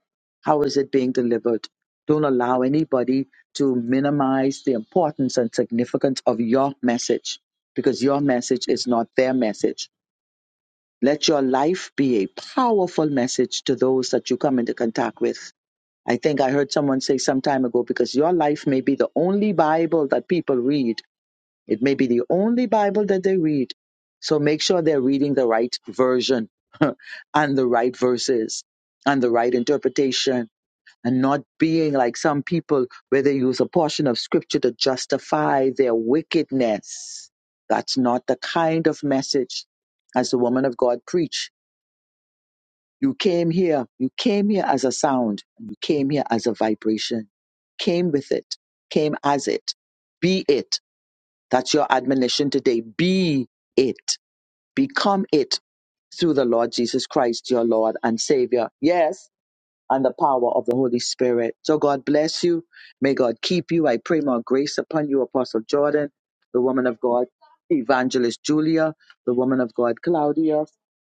Speaker 3: How is it being delivered? Don't allow anybody to minimize the importance and significance of your message because your message is not their message let your life be a powerful message to those that you come into contact with. I think I heard someone say some time ago because your life may be the only Bible that people read. It may be the only Bible that they read. So make sure they're reading the right version and the right verses and the right interpretation and not being like some people where they use a portion of scripture to justify their wickedness. That's not the kind of message as the woman of God preached you came here. You came here as a sound. You came here as a vibration. Came with it. Came as it. Be it. That's your admonition today. Be it. Become it through the Lord Jesus Christ, your Lord and Savior. Yes and the power of the Holy Spirit. So God bless you. May God keep you. I pray more grace upon you, Apostle Jordan, the woman of God, Evangelist Julia, the woman of God, Claudia,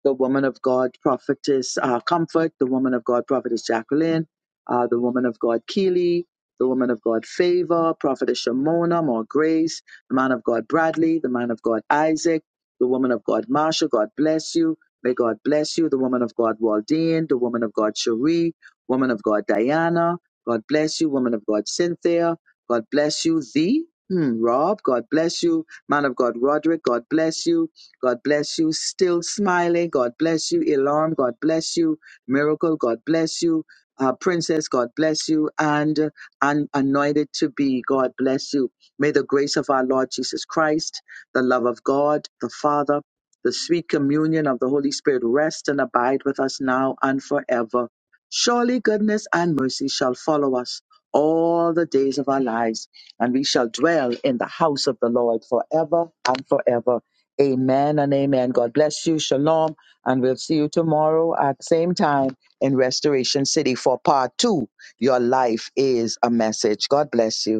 Speaker 3: the woman of God, Prophetess uh, Comfort, the woman of God, Prophetess Jacqueline, uh, the woman of God, Keely, the woman of God, Favor, Prophetess Shimona, more grace, the man of God, Bradley, the man of God, Isaac, the woman of God, Marsha. God bless you. May God bless you. The woman of God, Waldine, the woman of God, Cherie, Woman of God Diana, God bless you. Woman of God Cynthia, God bless you. Thee, hmm, Rob, God bless you. Man of God Roderick, God bless you. God bless you. Still smiling, God bless you. Alarm, God bless you. Miracle, God bless you. Uh, Princess, God bless you. And uh, and anointed to be, God bless you. May the grace of our Lord Jesus Christ, the love of God, the Father, the sweet communion of the Holy Spirit rest and abide with us now and forever. Surely goodness and mercy shall follow us all the days of our lives, and we shall dwell in the house of the Lord forever and forever. Amen and amen. God bless you. Shalom. And we'll see you tomorrow at the same time in Restoration City for part two. Your life is a message. God bless you.